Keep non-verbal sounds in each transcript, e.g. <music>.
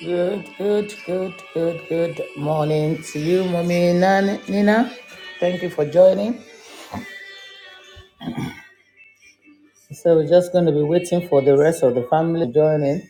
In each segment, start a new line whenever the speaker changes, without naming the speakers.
Good, good, good, good, good morning to you, Mommy Nana, Nina. Thank you for joining. So we're just going to be waiting for the rest of the family to join in.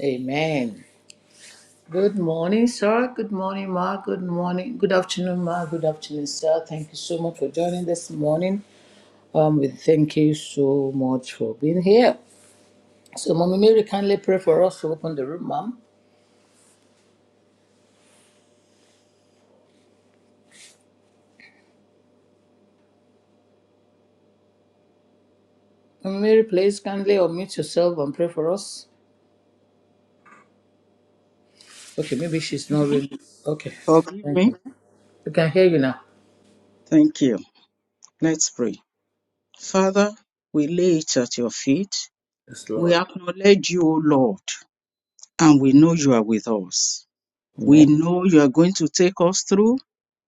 Amen. Good morning, sir. Good morning, Ma. Good morning. Good afternoon, Ma. Good afternoon, sir. Thank you so much for joining this morning. Um, we thank you so much for being here. So, Mommy Mary, kindly pray for us to open the room, Mom. Mommy Mary, please kindly unmute yourself and pray for us. Okay, maybe she's not
me,
really. Okay,
forgive
thank
me.
you. We can hear you now.
Thank you. Let's pray. Father, we lay it at your feet.
Yes,
We
Lord.
acknowledge you, O Lord, and we know you are with us.
Amen.
We know you are going to take us through,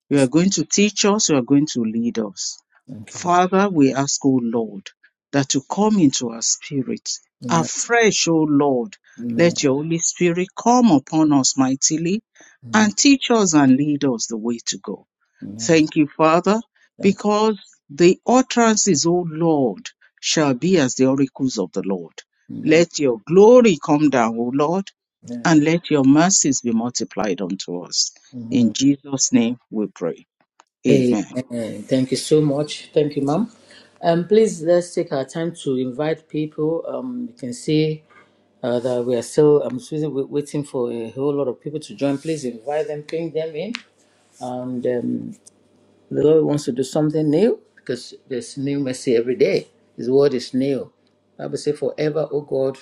you are
Yes,
going to teach us, you are going to lead us.
thank you, Lord.
Father, we ask, O Lord, that you come into our spirit
Amen.
afresh, O Lord.
Amen.
Let your Holy Spirit come upon us mightily
Amen.
and teach us and lead us the way to go.
Amen.
Thank you, Father,
Thank
because the utterances, O Lord, shall be as the oracles of the Lord.
you. Amen.
Let your glory come down, O Lord,
Amen.
and let your mercies be multiplied unto us. In
Amen.
Jesus' name we pray. Amen.
Amen. Thank you so much. Thank you, ma'am. Um, please let's take our time to invite people. Um, you can see uh, that we are still. I'm still waiting for a whole lot of people to join. Please invite them, bring them in, and um, The Lord wants to do something new because there's new mercy every day. His word is new. Bible say forever, oh God,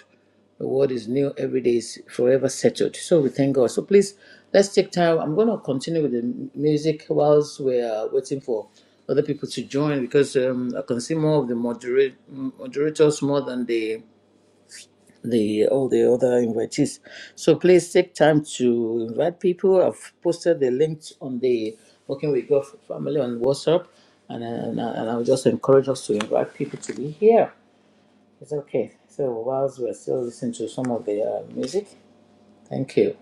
the word is new every day, is forever settled. So we thank God. So please, let's take time. I'm going to continue with the m- music whilst we're waiting for other people to join because um, I can see more of the moderate, moderators more than the the all the other invitees. So please take time to invite people. I've posted the links on the Working with God family on WhatsApp, and and, and I'll just encourage us to invite people to be here. It's okay. So whilst we're still listening to some of the uh, music, thank you.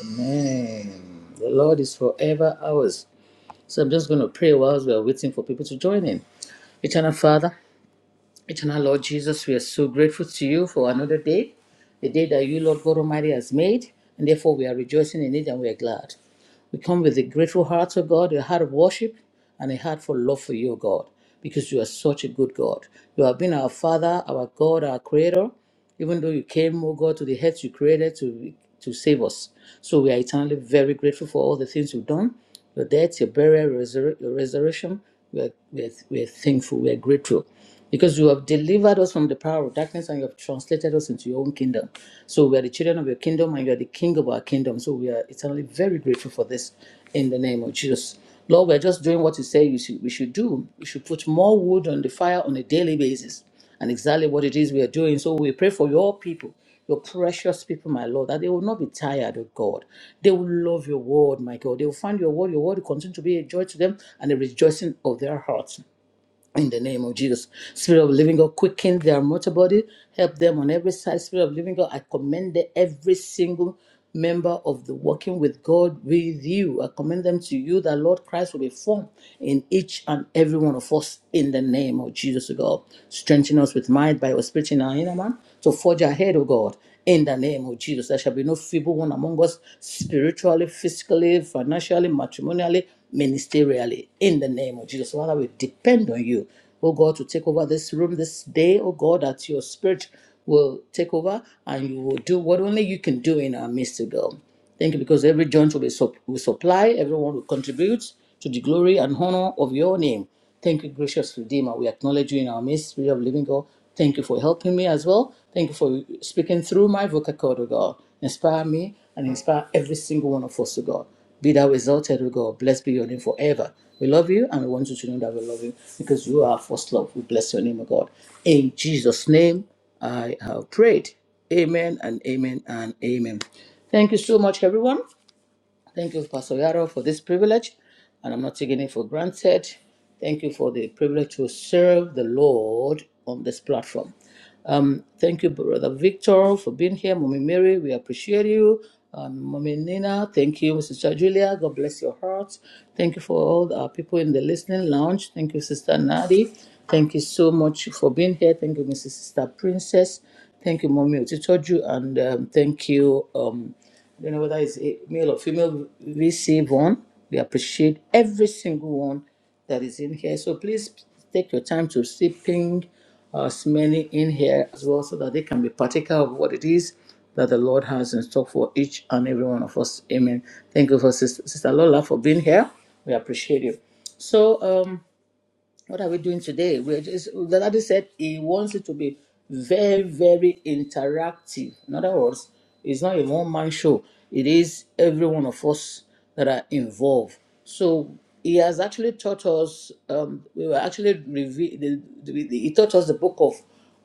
Amen. The Lord is forever ours. So I'm just going to pray whilst we're waiting for people to join in. Eternal Father. Eternal Lord Jesus, we are so grateful to you for another day, the day that you, Lord God Almighty, has made, and therefore we are rejoicing in it and we are glad. We come with a grateful heart, O God, a heart of worship and a heart for love for you, O God, because you are such a good God. You have been our Father, our God, our Creator, even though you came, O God, to the earth you created to, to save us. So we are eternally very grateful for all the things you've done your death, your burial, your, resur- your resurrection. We are, we, are, we are thankful, we are grateful because you have delivered us from the power of darkness and you have translated us into your own kingdom. So we are the children of your kingdom and you are the king of our kingdom. So we are eternally very grateful for this in the name of Jesus. Lord, we're just doing what you say you should, we should do. We should put more wood on the fire on a daily basis and exactly what it is we are doing. So we pray for your people, your precious people, my Lord, that they will not be tired, oh God. They will love your word, my God. They will find your word. Your word will continue to be a joy to them and a rejoicing of their hearts. In the name of Jesus. Spirit of living God, quicken their mortal body. Help them on every side. Spirit of living God, I commend the- every single member of the walking with God with you. I commend them to you that Lord Christ will be formed in each and every one of us in the name of Jesus, O God. Strengthen us with might by your spirit in our inner man to forge ahead, O God. In the name of Jesus, there shall be no feeble one among us spiritually, physically, financially, matrimonially, ministerially in the name of Jesus. Father, we depend on you, oh God, to take over this room this day, oh God, that your spirit will take over and you will do what only you can do in our midst, oh God. Thank you because every joint will be sup- will supply, everyone will contribute to the glory and honor of your name. Thank you, gracious Redeemer. We acknowledge you in our midst, Spirit of Living God. Thank you for helping me as well. Thank you for speaking through my vocal cord, O God. Inspire me and inspire every single one of us, O God. Be thou exalted, O God. Blessed be your name forever. We love you and we want you to know that we love you because you are our first love. We bless your name, O God. In Jesus' name, I have prayed. Amen and amen and amen. Thank you so much, everyone. Thank you, Pastor Yaro, for this privilege. And I'm not taking it for granted. Thank you for the privilege to serve the Lord on this platform. Um, thank you, Brother Victor, for being here. Mommy Mary, we appreciate you. And Mommy Nina, thank you, Sister Julia. God bless your heart. Thank you for all our people in the listening lounge. Thank you, Sister Nadi. Thank you so much for being here. Thank you, Mrs. Sister Princess. Thank you, Mommy Otitoju. And um, thank you, um, I don't know whether it's a male or female VC one. We appreciate every single one that is in here. So please take your time to see ping uh, smelling in here as well so that they can be partaker of what it is that the Lord has in stock for each and every one of us. Amen. Thank you for Sister, Sister Lola for being here. We appreciate you. So, um, what are we doing today? We're just, the daddy said he wants it to be very, very interactive. In other words, it's not a one man show, it is every one of us that are involved. So he has actually taught us, um, we were actually, reve- the, the, the- he taught us the book of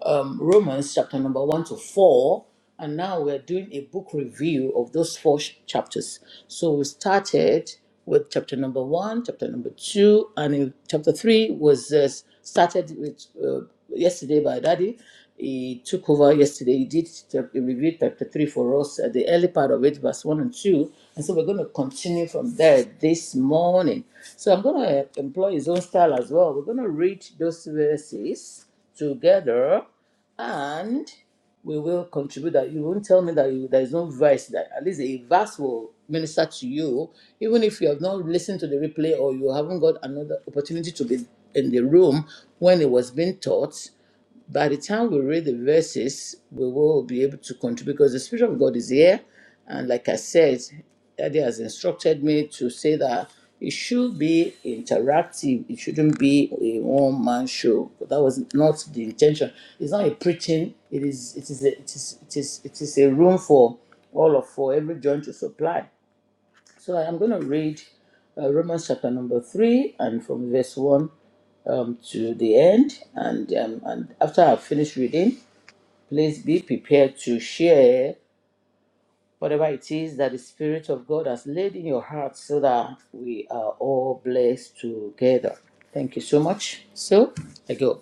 um, Romans, chapter number 1 to 4 and now we're doing a book review of those four sh- chapters. So we started with chapter number one, chapter number two, and in chapter three was uh, started with uh, yesterday by Daddy. He took over yesterday. He did chap- he reviewed chapter three for us at the early part of it, verse one and two. And so we're going to continue from there this morning. So I'm going to employ his own style as well. We're going to read those verses together and we will contribute that you won't tell me that you, there is no verse that at least a verse will minister to you even if you have not listened to the replay or you haven't got another opportunity to be in the room when it was being taught by the time we read the verses, we will be able to contribute because the Spirit of God is here. And like I said, Daddy has instructed me to say that it should be interactive. It shouldn't be a one-man show. But that was not the intention. It's not a preaching. It is. It is. A, it is. It is. It is a room for all of for every joint to supply. So I'm going to read uh, Romans chapter number three and from verse one um, to the end. And, um, and after I've finished reading, please be prepared to share whatever it is that the Spirit of God has laid in your heart so that we are all blessed together. Thank you so much. So I go.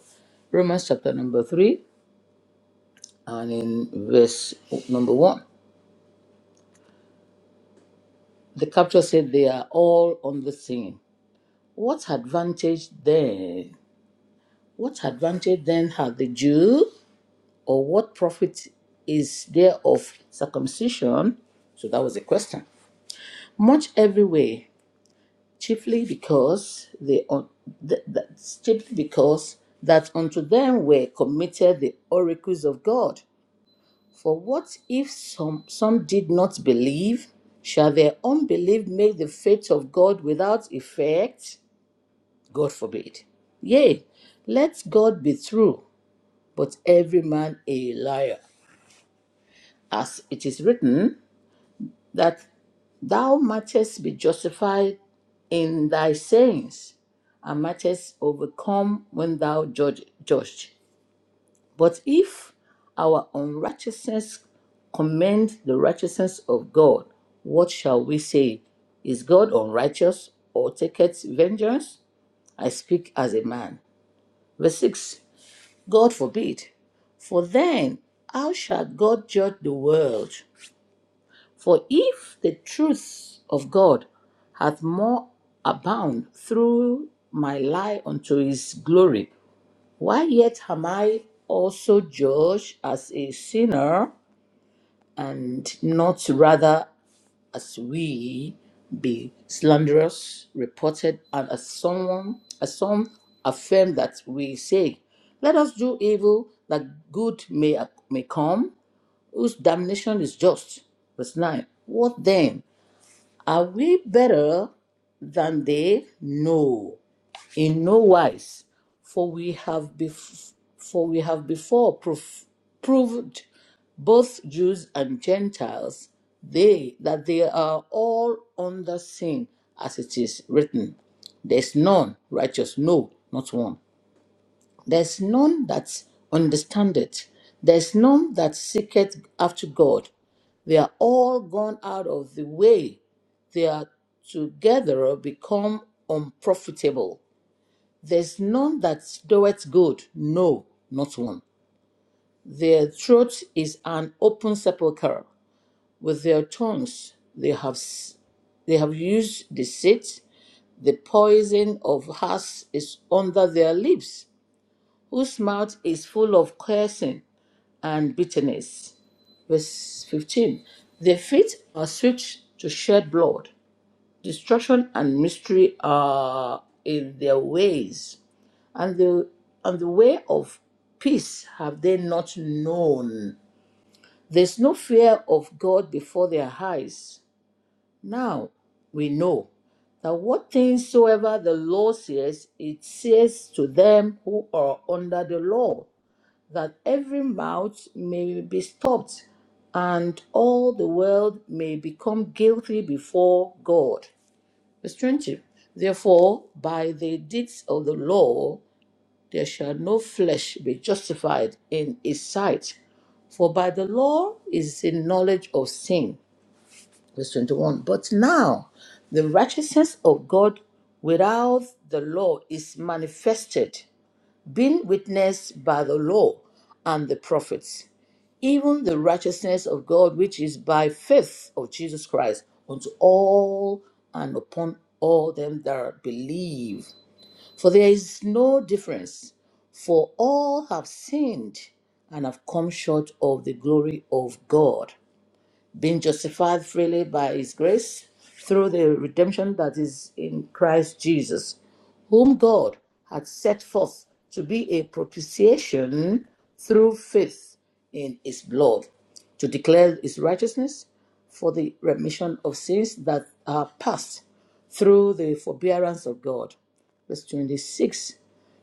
Romans chapter number three and in verse number one. The capture said they are all on the scene. What advantage then What advantage then had the Jew, or what profit is there of circumcision? So that was the question. Much every way, chiefly because they un- th- that, chiefly because that unto them were committed the oracles of God. For what if some some did not believe? Shall their unbelief make the faith of God without effect? God forbid. Yea, let God be true but every man a liar. As it is written, that thou mightest be justified in thy sayings, and mightest overcome when thou judge, judged. But if our unrighteousness commend the righteousness of God, what shall we say? Is God unrighteous or taketh vengeance? I speak as a man. Verse 6 God forbid. For then, how shall God judge the world? For if the truth of God hath more abound through my lie unto his glory, why yet am I also judged as a sinner, and not rather as we be slanderous, reported, and as someone as some affirm that we say, Let us do evil that good may may come, whose damnation is just. Verse 9. What then? Are we better than they? No, in no wise. For we have bef- for we have before proof- proved both Jews and Gentiles, they that they are all under sin, as it is written. There's none righteous, no, not one. There's none that understandeth. There's none that seeketh after God. They are all gone out of the way. They are together become unprofitable. There's none that doeth good, no, not one. Their throat is an open sepulchre. With their tongues they have s- they have used deceit. The poison of hearts is under their lips, whose mouth is full of cursing and bitterness. Verse 15. Their feet are swift to shed blood. Destruction and mystery are in their ways, and the and the way of peace have they not known. There's no fear of God before their eyes. Now we know that what things soever the law says, it says to them who are under the law, that every mouth may be stopped, and all the world may become guilty before God. Verse 20. Therefore, by the deeds of the law, there shall no flesh be justified in his sight, for by the law is the knowledge of sin verse 21 but now the righteousness of god without the law is manifested being witnessed by the law and the prophets even the righteousness of god which is by faith of jesus christ unto all and upon all them that believe for there is no difference for all have sinned and have come short of the glory of god being justified freely by his grace through the redemption that is in Christ Jesus, whom God had set forth to be a propitiation through faith in his blood, to declare his righteousness for the remission of sins that are past through the forbearance of God. Verse 26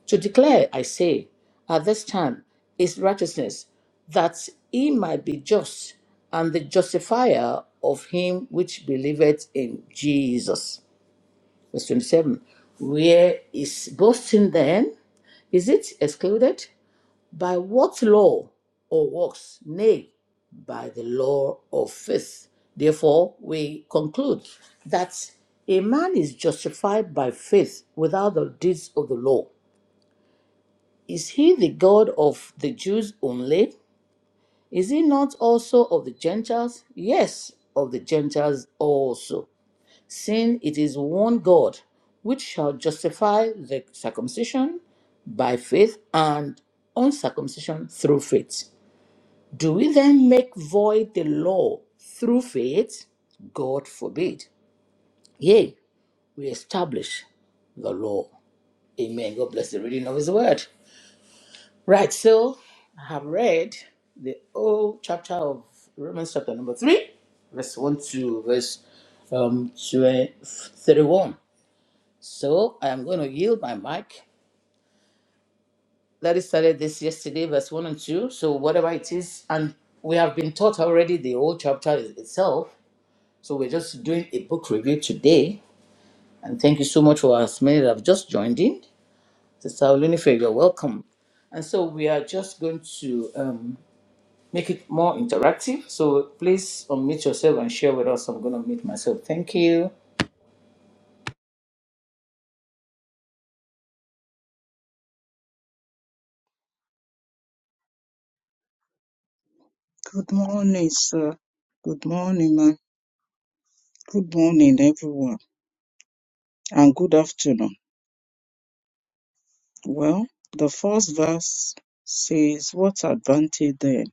to declare, I say, at this time is righteousness, that he might be just and the justifier of him which believeth in Jesus. Verse 27. Where is boasting then? Is it excluded? By what law or works? Nay, by the law of faith. Therefore, we conclude that a man is justified by faith without the deeds of the law. Is he the God of the Jews only? Is he not also of the Gentiles? Yes, of the Gentiles also, seeing it is one God which shall justify the circumcision by faith and uncircumcision through faith. Do we then make void the law through faith? God forbid. Yea, we establish the law. Amen. God bless the reading of his word. Right, so I have read the whole chapter of Romans, chapter number 3, verse 1 to verse um, 20 31. So I am going to yield my mic. Larry started this yesterday, verse 1 and 2. So whatever it is, and we have been taught already the whole chapter is- itself. So we're just doing a book review today. And thank you so much for as many that have just joined in. Sister Olunife, you're welcome. And so we are just going to. um, make it more interactive. So please unmute yourself and share with us. I'm going to mute myself. Thank you.
Good morning, sir. Good morning, ma'am. Good morning, everyone. And good afternoon. Well, the first verse says, What advantage then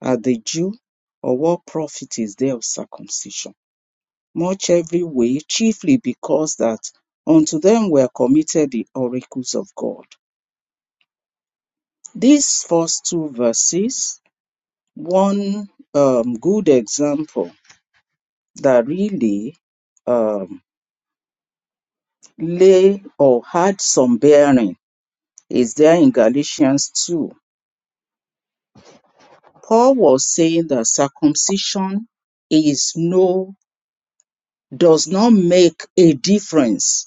are the Jew, or what profit is there of circumcision? much every way, chiefly because that unto them were committed the oracles of God. These first two verses, one um, good example that really um, lay or had some bearing is there in Galatians 2. Paul was saying that circumcision is no, does not make a difference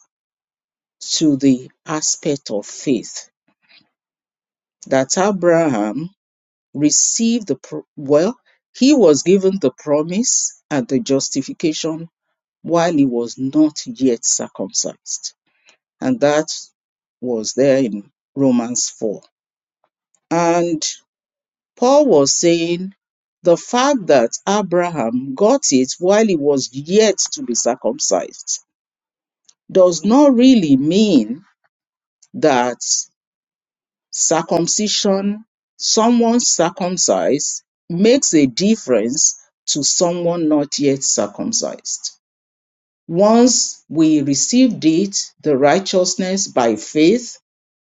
to the aspect of faith. That Abraham received the pro- well he was given the promise and the justification while he was not yet circumcised and that was there in romans 4 and paul was saying the fact that abraham got it while he was yet to be circumcised does not really mean that Circumcision, someone circumcised, makes a difference to someone not yet circumcised. Once we received it, the righteousness by faith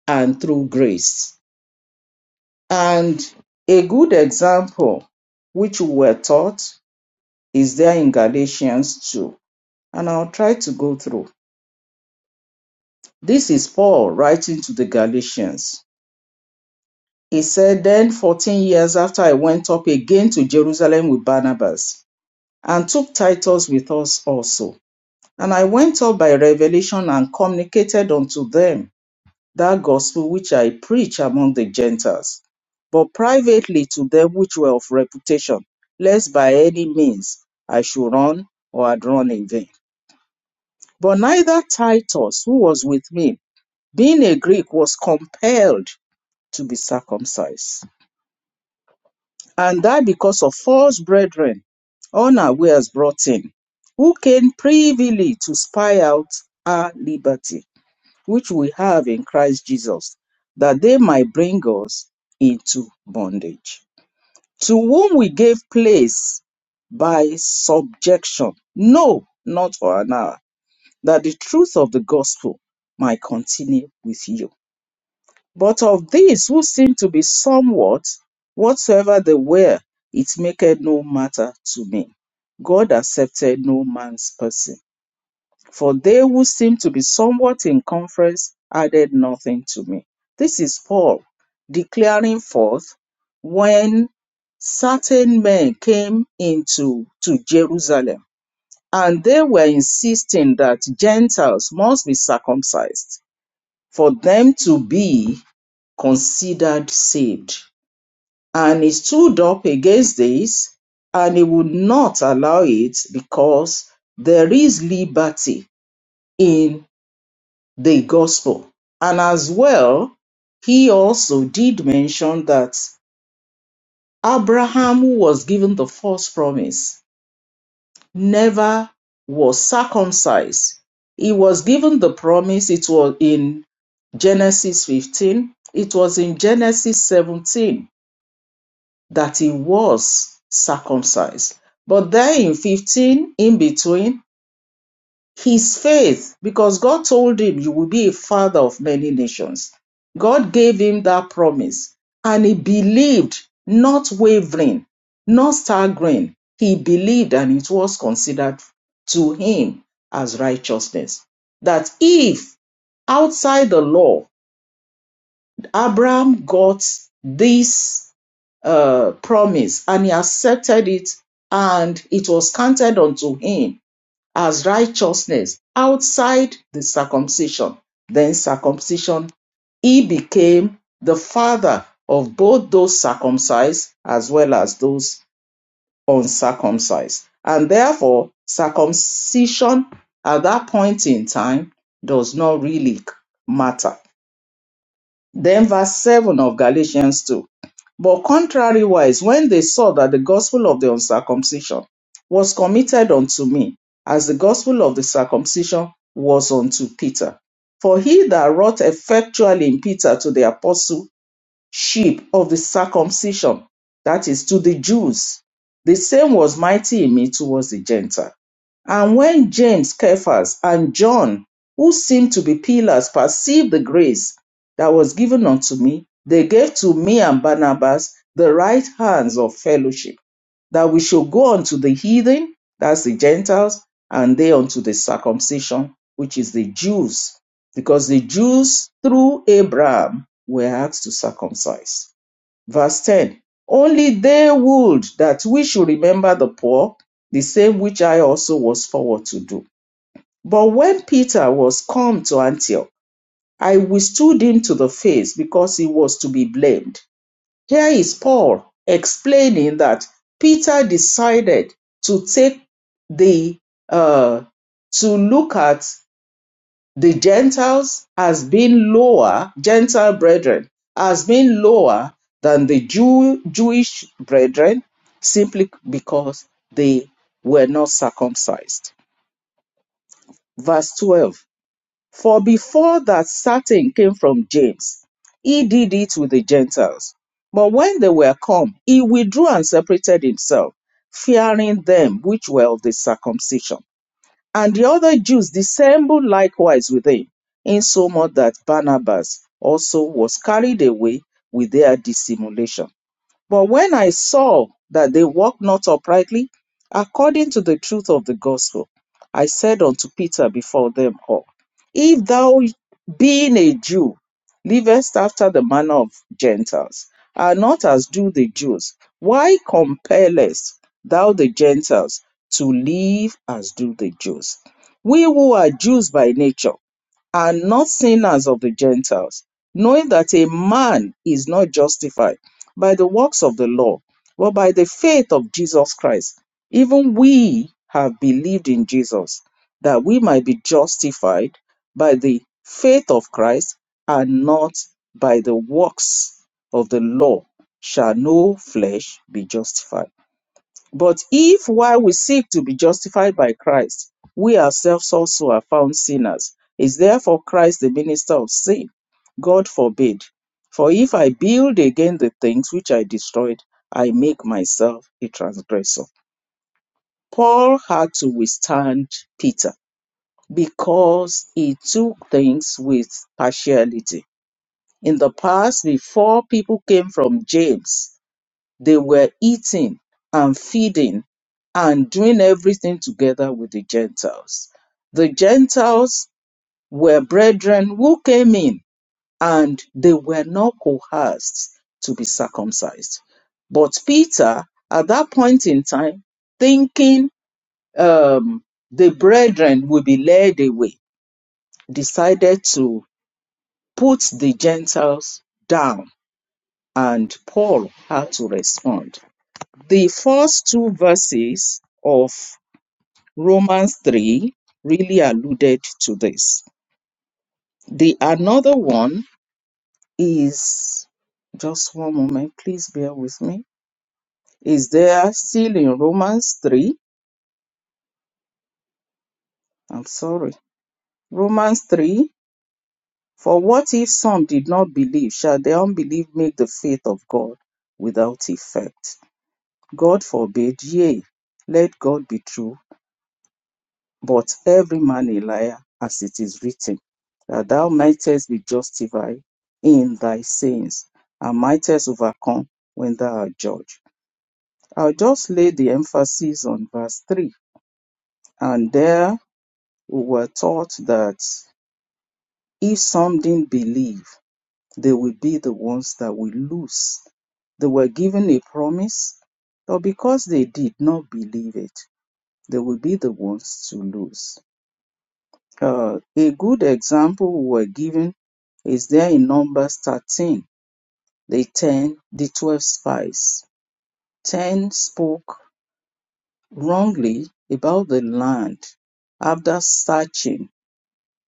and through grace. And a good example which we were taught is there in Galatians 2. And I'll try to go through. This is Paul writing to the Galatians He said, Then fourteen years after I went up again to Jerusalem with Barnabas, and took Titus with us also. And I went up by revelation and communicated unto them that gospel which I preach among the Gentiles, but privately to them which were of reputation, lest by any means I should run or had run in vain. But neither Titus, who was with me, being a Greek, was compelled to be circumcised. and that because of false brethren, unawares brought in, who came privily to spy out our liberty, which we have in Christ Jesus, that they might bring us into bondage. To whom we gave place by subjection, no, not for an hour, that the truth of the gospel might continue with you but of these who seem to be somewhat, whatsoever they were, it maketh no matter to me. God accepted no man's person. For they who seemed to be somewhat in conference added nothing to me. This is Paul declaring forth when certain men came into to Jerusalem and they were insisting that Gentiles must be circumcised for them to be considered saved. And he stood up against this and he would not allow it because there is liberty in the gospel. And as well, he also did mention that Abraham, who was given the first promise, never was circumcised. He was given the promise, it was in Genesis 15, it was in Genesis 17 that he was circumcised. But then in 15, in between, his faith, because God told him, You will be a father of many nations. God gave him that promise, and he believed, not wavering, not staggering. He believed, and it was considered to him as righteousness. That if outside the law, Abraham got this uh, promise and he accepted it and it was counted unto him as righteousness outside the circumcision. Then circumcision, he became the father of both those circumcised as well as those uncircumcised. And therefore, circumcision at that point in time does not really matter. Then verse 7 of Galatians 2 but contrariwise, when they saw that the gospel of the uncircumcision was committed unto me, as the gospel of the circumcision was unto Peter. For he that wrought effectually in Peter to the apostleship of the circumcision, that is, to the Jews, the same was mighty in me towards the Gentiles. And when James, Cephas, and John, who seemed to be pillars, perceived the grace that was given unto me, they gave to me and Barnabas the right hands of fellowship, that we should go unto the heathen, that's the Gentiles, and they unto the circumcision, which is the Jews, because the Jews through Abraham were asked to circumcise. Verse 10 Only they would that we should remember the poor, the same which I also was forward to do. But when Peter was come to Antioch, I withstood him to the face because he was to be blamed. Here is Paul explaining that Peter decided to take the uh, to look at the Gentiles has been lower, Gentile brethren has been lower than the Jew, Jewish brethren simply because they were not circumcised. Verse 12 For before that certain came from James, he did it with the Gentiles. But when they were come, he withdrew and separated himself, fearing them which were of the circumcision and the other Jews dissembled likewise with him, insomuch that Barnabas also was carried away with their dissimulation. But when I saw that they walked not uprightly, according to the truth of the gospel, I said unto Peter before them all, If thou, being a Jew, livest after the manner of Gentiles, and not as do the Jews, why compellest thou the Gentiles to live as do the Jews? We who are Jews by nature, are not sinners of the Gentiles, knowing that a man is not justified by the works of the law, but by the faith of Jesus Christ. Even we have believed in Jesus, that we might be justified by the faith of Christ and not by the works of the law, shall no flesh be justified. But if while we seek to be justified by Christ, we ourselves also are found sinners, is therefore Christ the minister of sin? God forbid. For if I build again the things which I destroyed, I make myself a transgressor. Paul had to withstand Peter because he took things with partiality. In the past, before people came from James, they were eating and feeding and doing everything together with the Gentiles. The Gentiles were brethren who came in and they were not coerced to be circumcised. But Peter, at that point in time, thinking um, the brethren would be led away, decided to put the Gentiles down, and Paul had to respond. The first two verses of Romans 3 really alluded to this. The another one is just one moment, please bear with me. Is there still in Romans 3? I'm sorry. Romans 3 For what if some did not believe? Shall the unbelief make the faith of God without effect? God forbid, yea, let God be true But every man a liar, as it is written, that thou mightest be justified in thy sayings and mightest overcome when thou art judged. I'll just lay the emphasis on verse 3. And there we were taught that if some didn't believe, they will be the ones that will lose. They were given a promise, but because they did not believe it, they will be the ones to lose. Uh, a good example we were given is there in Numbers 13, the 10, the 12 spies. 10 spoke wrongly about the land after searching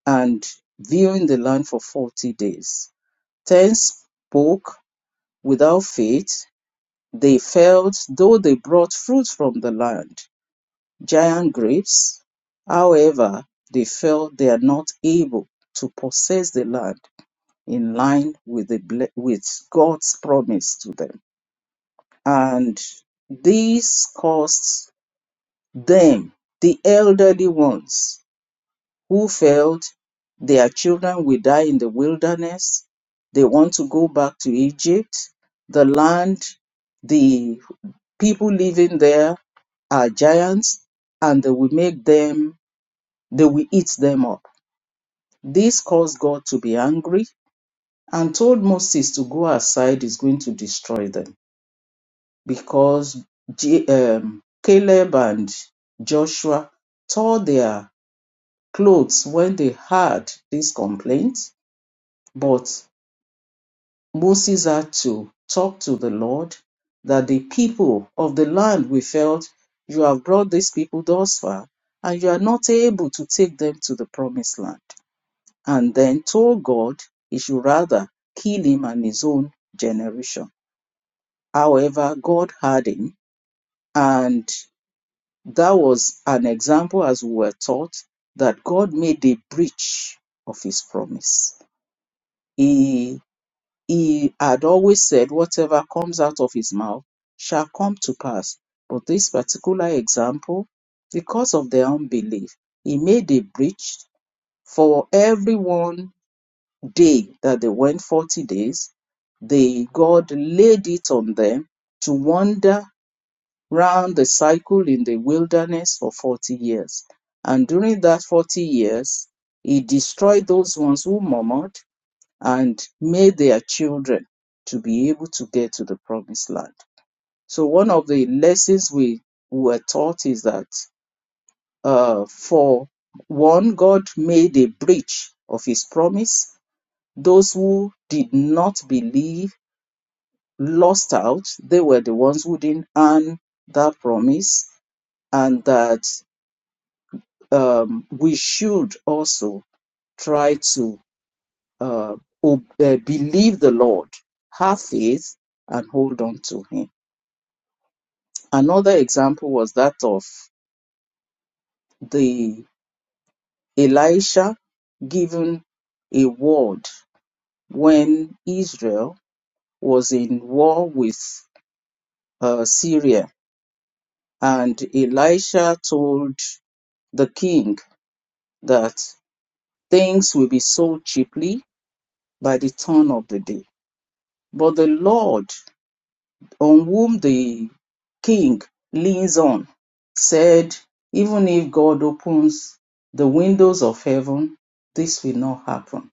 and viewing the land for 40 days. 10 spoke without faith. They failed, though they brought fruit from the land, giant grapes. However, they felt they are not able to possess the land in line with the with God's promise to them. And this caused them, the elderly ones who felt their children will die in the wilderness, they want to go back to Egypt, the land, the people living there are giants, and they will make them, they will eat them up. This caused God to be angry and told Moses to go aside, he's going to destroy them. because J- um, Caleb and Joshua tore their clothes when they heard this complaint. But Moses had to talk to the Lord that the people of the land we felt you have brought these people thus far and you are not able to take them to the promised land. And then told God he should rather kill him and his own generation. However, God heard him and That was an example as we were taught that God made a breach of his promise. He, he had always said, whatever comes out of his mouth shall come to pass. But this particular example, because of their unbelief, he made a breach for every one day that they went 40 days. They, God laid it on them to wander round the cycle in the wilderness for 40 years. And during that 40 years, he destroyed those ones who murmured and made their children to be able to get to the promised land. So, one of the lessons we were taught is that uh, for one, God made a breach of his promise. Those who did not believe lost out. They were the ones who didn't earn that promise and that um, we should also try to uh, ob- uh, believe the Lord, have faith, and hold on to Him. Another example was that of the Elisha given a word when Israel was in war with uh, Syria, and Elisha told the king that things will be sold cheaply by the turn of the day. But the Lord on whom the king leans on, said, Even if God opens the windows of heaven, this will not happen.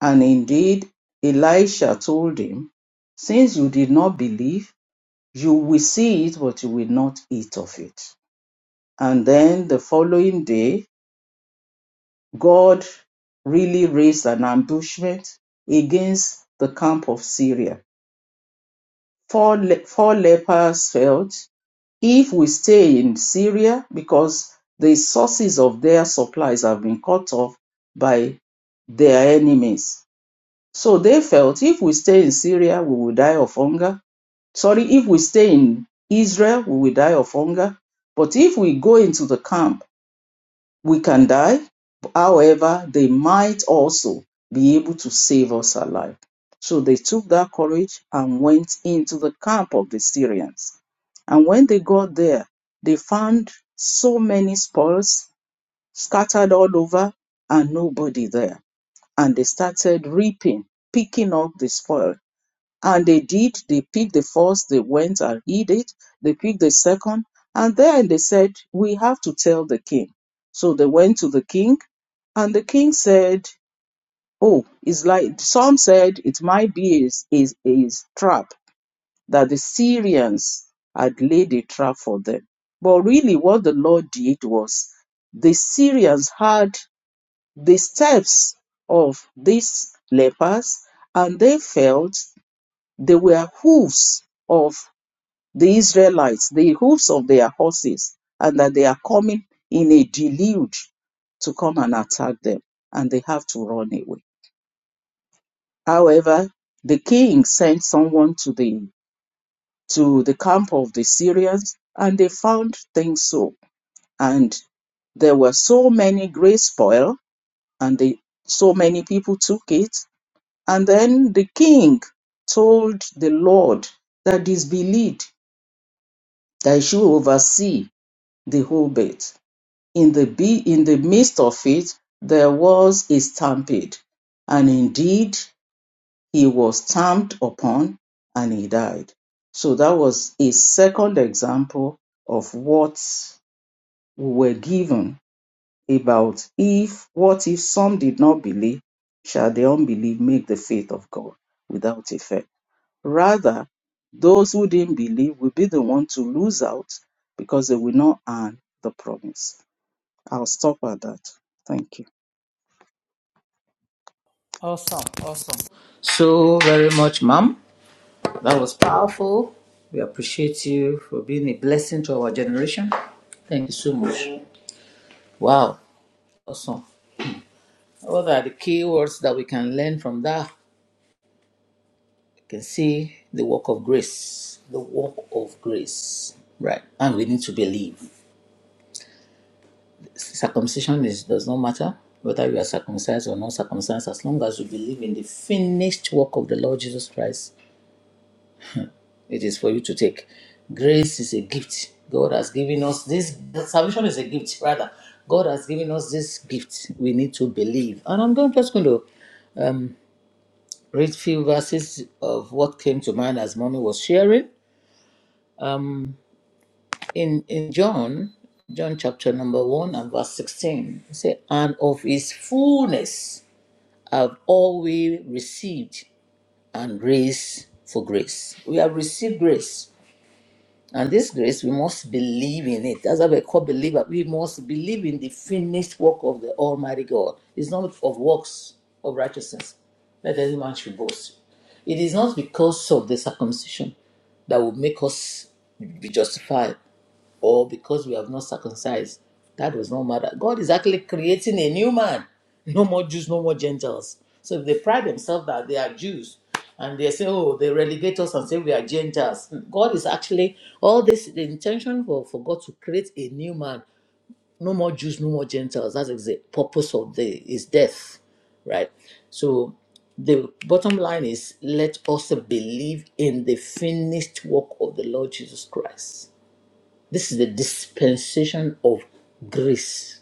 And indeed, Elisha told him, Since you did not believe, you will see it, but you will not eat of it. And then the following day, God really raised an ambushment against the camp of Syria. Four, le- four lepers fell If we stay in Syria because the sources of their supplies have been cut off by their enemies. So they felt if we stay in Syria, we will die of hunger. Sorry, if we stay in Israel, we will die of hunger. But if we go into the camp we can die, however, they might also be able to save us alive. So they took that courage and went into the camp of the Syrians. And when they got there, they found so many spoils scattered all over and nobody there. And they started reaping, picking up the spoil and they did, they picked the first, they went and hid it, they picked the second, and then they said, We have to tell the king. So they went to the king, and the king said, Oh, it's like some said it might be a, a, a trap that the Syrians had laid a trap for them. But really, what the Lord did was the Syrians had the steps of these lepers, and they felt they were hoofs of the Israelites, the hoofs of their horses, and that they are coming in a deluge to come and attack them, and they have to run away. However, the king sent someone to the to the camp of the Syrians, and they found things so, and there were so many great spoil, and they, so many people took it, and then the king told the Lord that disbelieved that you oversee the whole bit. In the be in the midst of it, there was a stampede, and indeed he was stamped upon and he died. So that was a second example of what we were given about if what if some did not believe, shall the unbelief make the faith of God without effect? Rather, those who didn't believe will be the ones to lose out because they will not earn the promise. I'll stop at that. Thank you.
Awesome. Awesome. So very much, ma'am. That was powerful. We appreciate you for being a blessing to our generation. Thank you so much. Wow. Awesome. What are the key words that we can learn from that? You can see the work of grace. The work of grace. Right. And we need to believe. circumcision is, does not matter whether you are circumcised or not circumcised as long as you believe in the finished work of the lord jesus christ it is for you to take grace is a gift god has given us this salvation is a gift rather god has given us this gift we need to believe and i'm going, just going to um, read few verses of what came to mind as mommy was sharing in in john john chapter number 1 and verse 16 it say and of his fullness have always received and grace for grace. We have received grace. And this grace, we must believe in it. That's why we're called believer. We must believe in the finished work of the Almighty God. It's not of works of righteousness that any man should boast. It is not because of the circumcision that will make us be justified, or because we have not circumcised. That does not matter. God is actually creating a new man. No more Jews, no more Gentiles. So if they pride themselves that they are Jews and they say, oh, they relegate us and say we are Gentiles, God is actually, all this, the intention for, for God to create a new man. No more Jews, no more Gentiles. That's exa- the purpose of the is death, right? So the bottom line is let us believe in the finished work of the Lord Jesus Christ this is the dispensation of grace,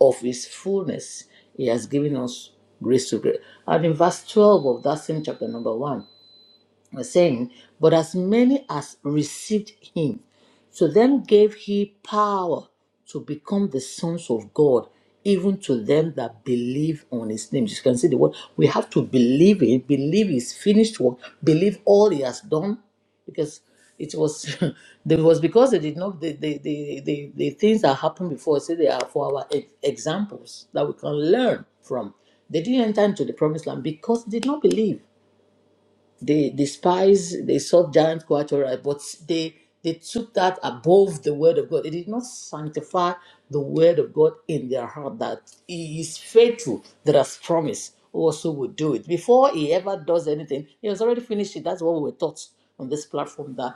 of His fullness. He has given us grace to grace. And in verse 12 of that same chapter, number 1, saying, but as many as received him, to them gave he power to become the sons of God, even to them that believe on his name. You can see the word. We have to believe it, believe his finished work, believe all he has done, because it was <laughs> it was because they did not the the, the, the, the things that happened before say they are for our e- examples that we can learn from. They didn't enter into the promised land because they did not believe. They the spies they saw giant quatera, but they they took that above the word of God. They did not sanctify the word of God in their heart that He is faithful, that has promised, also will do it. Before He ever does anything, He has already finished it. That's what we were taught on this platform that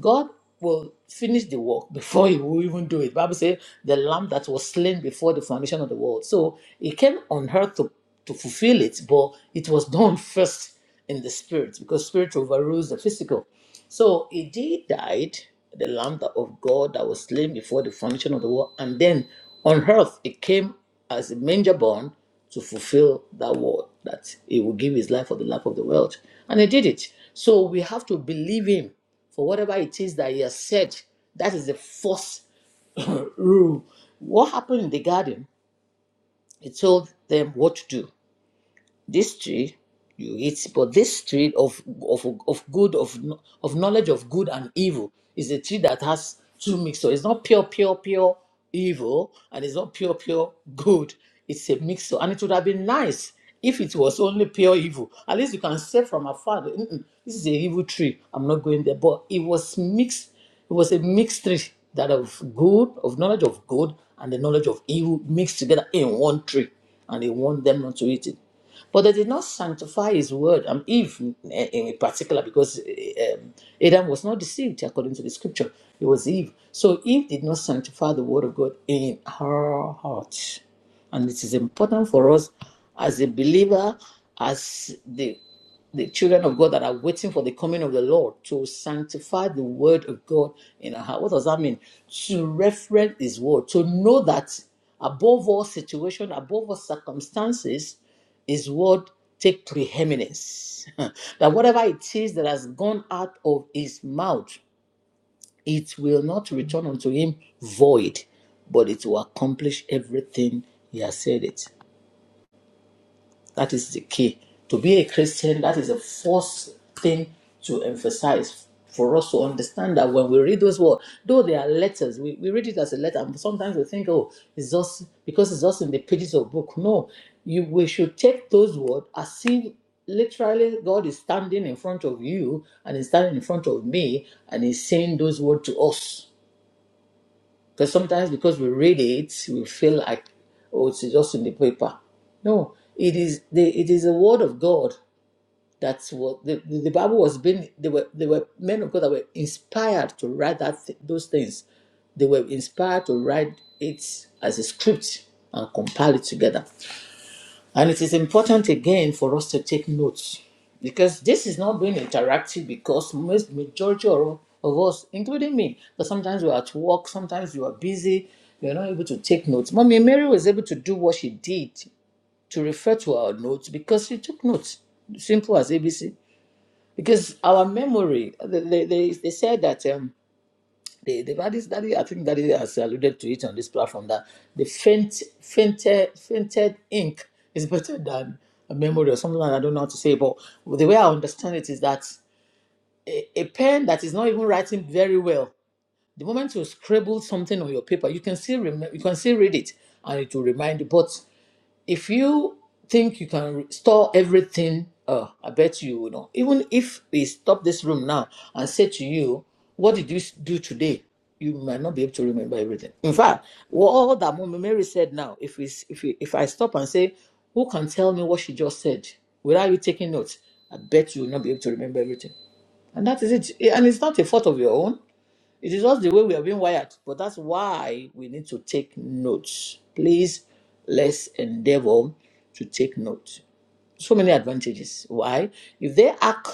God will finish the work before he will even do it. Bible says the lamb that was slain before the foundation of the world. So it came on earth to, to fulfill it, but it was done first in the spirit because spirit overrules the physical. So he died, the Lamb that- of God that was slain before the foundation of the world, and then on earth it came as a manger born to fulfill that word that he will give his life for the life of the world. And he did it. So we have to believe him for whatever it is that he has said. That is the first <laughs> rule. What happened in the garden? He told them what to do this tree you eat but this tree of of of good of of knowledge of good and evil is a tree that has two mixture it's not pure pure pure evil and it's not pure pure good it's a mixture and it would have been nice if it was only pure evil at least you can say from afar that, "Mm-mm, this is a evil tree i'm not going there but it was mixed it was a mixed tree that of good of knowledge of good and the knowledge of evil mixed together in one tree and they want them not to eat it but they did not sanctify his word, um, Eve in, in particular, because eh, um, Adam was not deceived according to the scripture. It was Eve. So Eve did not sanctify the word of God in her heart. And it is important for us as a believer, as the the children of God that are waiting for the coming of the Lord to sanctify the word of God in our heart. What does that mean? To reference his word, to know that above all situation, above all circumstances, is what take preeminence. <laughs> that whatever it is that has gone out of his mouth, it will not return unto him void, but it will accomplish everything he has said it. That is the key. To be a Christian, that is the first thing to emphasize for us to understand that when we read those words, though they are letters, we, we read it as a letter, and sometimes we think, oh, it's just because it's just in the pages of book. No, you we should take those words as if literally God is standing in front of you and is standing in front of me and is saying those words to us. Because sometimes because we read it, we feel like, oh, it's just in the paper. No, it is the it is the word of God. That's what the, the, the Bible was being. They were they were men of God that were inspired to write that th- those things. They were inspired to write it as a script and compile it together. And it is important again for us to take notes because this is not being interactive because most majority of, of us, including me, but sometimes we're at work, sometimes you are busy, you're not able to take notes. Mommy Mary was able to do what she did to refer to our notes because she took notes, simple as ABC. Because our memory, they, they, they they said that. um, the the have daddy i think daddy has alluded to it on this platform that the faint fainted fainted ink is <laughs> better than a memory or something like that i don't know how to say but the way i understand it is that a, a pen that is not even writing very well the moment you scribble something on your paper you can still remember you can still read it and it will remind you but if you think you can re- store everything, uh, I bet you will not. Even if we stop this room now and say to you, "What did you s- do today?" You might not be able to remember everything. In fact, wha- all that Mama Mary said now, if we, s- if we, if I stop and say, "Who can tell me what she just said?" without you taking notes, I bet you will not be able to remember everything. And that is it. And it's not a fault of your own. It is just the way we are being wired, but that's why we need to take notes. Please, let's endeavor to take notes. So many advantages. Why? If they hack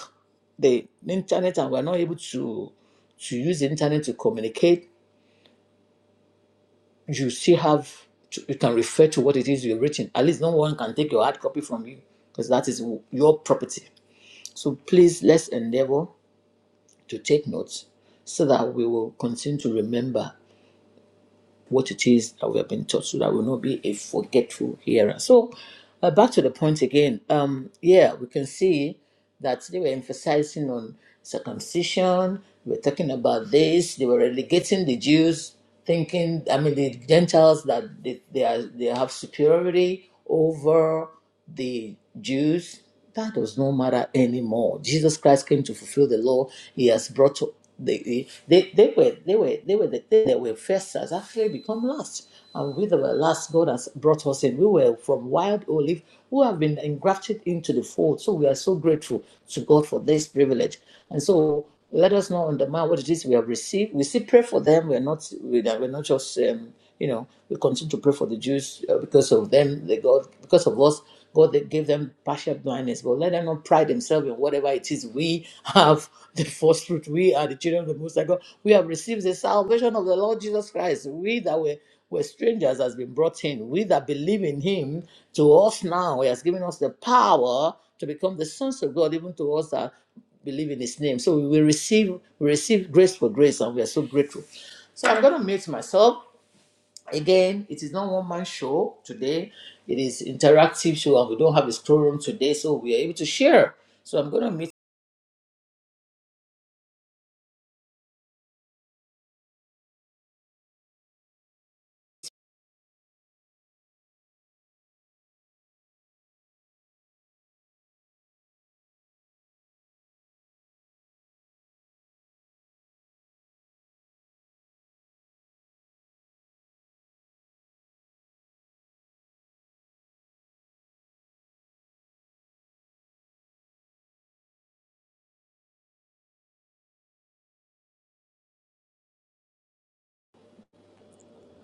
the internet and we're not able to to use the internet to communicate, you still have to, you can refer to what it is you're written. At least no one can take your hard copy from you because that is your property. So please, let's endeavor to take notes so that we will continue to remember what it is that we have been taught so that we'll not be a forgetful hearer. So, uh, back to the point again. Um, yeah, we can see that they were emphasizing on circumcision, they were talking about this, they were relegating the Jews, thinking, I mean, the Gentiles that they, they, are, they have superiority over the Jews, that does not matter anymore. Jesus Christ came to fulfill the law. He has brought to the, they, they were they were they were the they that were first has actually become last. And we that were last, God has brought us in. We were from wild olive who have been engrafted into the fold. So we are so grateful to God for this privilege. And so let us not undermine what it is we have received. We still pray for them. We're not we- are we're not just um, you know we continue to pray for the Jews uh, because of them. They God because of us. God that gave them partial blindness, but let them not pride themselves in whatever it is. We have <laughs> the first fruit. We are the children of the Most High God. We have received the salvation of the Lord Jesus Christ. We that were were strangers has been brought in. We that believe in Him, to us now, He has given us the power to become the sons of God, even to us that believe in His name. So we will receive we receive grace for grace, and we are so grateful. So I'm going to mute myself. Again, it is not one man show today. It is interactive show, and we don't have a scroll room today, so we are able to share. So I'm going to meet.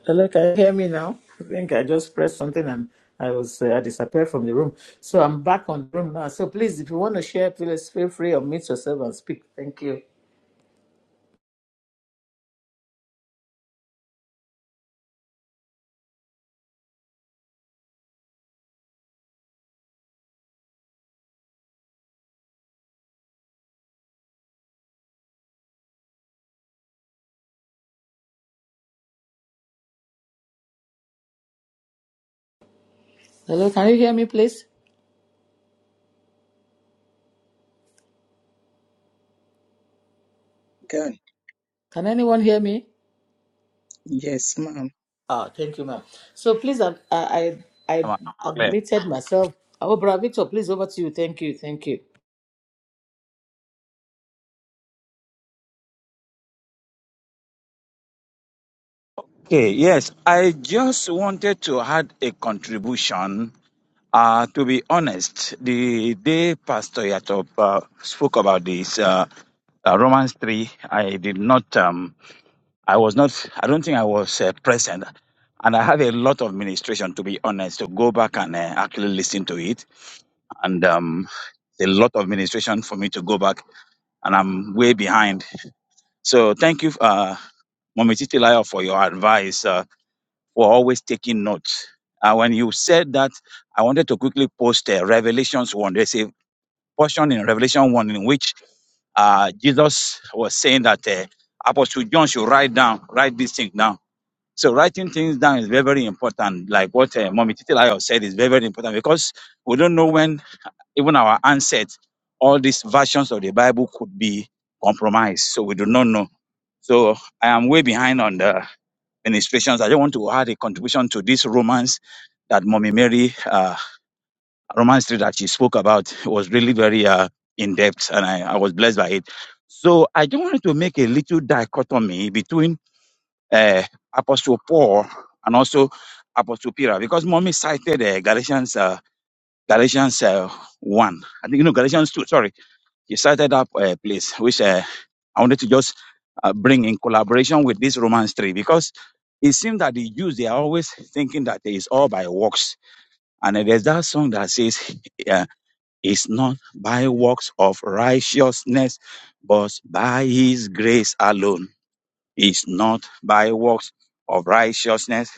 Hello, can you hear me now? I think I just pressed something and I was uh, I disappeared from the room. So I'm back on the room now. So please, if you want to share, please feel free to mute yourself and speak. Thank you. Hello, can you hear me, please?
Okay.
Can anyone hear me?
Yes, ma'am.
Ah, thank you, ma'am. So please, I I I I
Am I clear?
admitted myself. Oh, Bravo Victor, please over to you. Thank you, thank
Okay, yes. I just wanted to add a contribution. Uh, to be honest, the day Pastor Yatop uh, spoke about this uh, uh, Romans three, I did not. Um, I was not. I don't think I was uh, present, and I have a lot of ministration. To be honest, to go back and uh, actually listen to it, and um, a lot of ministration for me to go back, and I'm way behind. So thank you, uh, Mommy Titilayo, for your advice. Uh, were always taking notes. And when you said that, I wanted to quickly post uh, Revelations 1. There's a portion in Revelation 1 in which uh, Jesus was saying that uh, Apostle John should write down, write these things down. So writing things down is very, very important. Like what uh, Mommy Titilayo said is very, very important because we don't know when even our ancestors, all these versions of the Bible could be compromised. So we do not know. So I am way behind on the ministrations. I just want to add a contribution to this romance that Mommy Mary, uh, romance tree that she spoke about It was really very uh, in depth, and I, I was blessed by it. So I just wanted to make a little dichotomy between uh, Apostle Paul and also Apostle Peter, because Mommy cited uh, Galatians. Uh, Galatians uh, 1. I think, you know, Galatians 2, sorry. He cited that uh, place, which uh, I wanted to just uh, bring in collaboration with this Romans 3 because it seems that the Jews, they are always thinking that it's all by works. And then there's that song that says, <laughs> uh, It's not by works of righteousness, but by his grace alone. It's not by works of righteousness,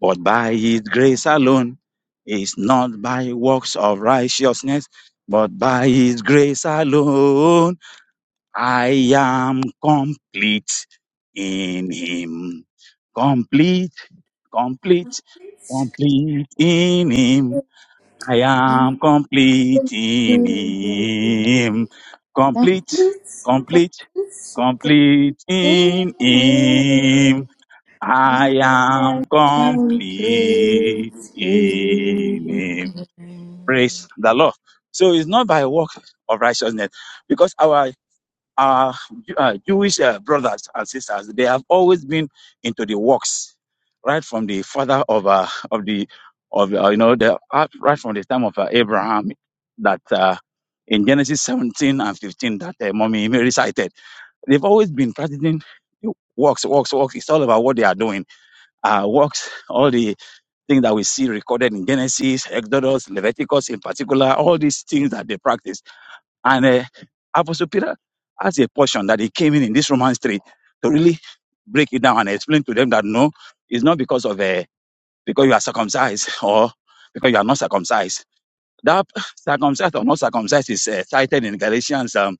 but by his grace alone. It's not by works of righteousness, but by his grace alone. I am complete in Him. Complete, complete, complete in Him. I am complete in
you.
Him. Complete,
God's God's
complete,
God's
complete
in
in
me.
Him. I
I
am
am completely.
complete in Him. Praise the Lord. So it's not by work of righteousness because our our uh, Jewish uh, brothers and sisters, they have always been into the works, right from the father of uh, of the of uh, you know the uh, right from the time of uh, Abraham, that uh, in Genesis 17 and 15 that uh, mommy Mary cited, they've always been practicing works, works, works. It's all about what they are doing. Uh, works, all the things that we see recorded in Genesis, Exodus, Leviticus, in particular, all these things that they practice and uh, Apostle Peter has a portion that he came in in this Romans 3 to really break it down and explain to them that no, it's not because of uh, because you are circumcised <laughs> or because you are not circumcised. That circumcised or not circumcised is uh, cited in Galatians um,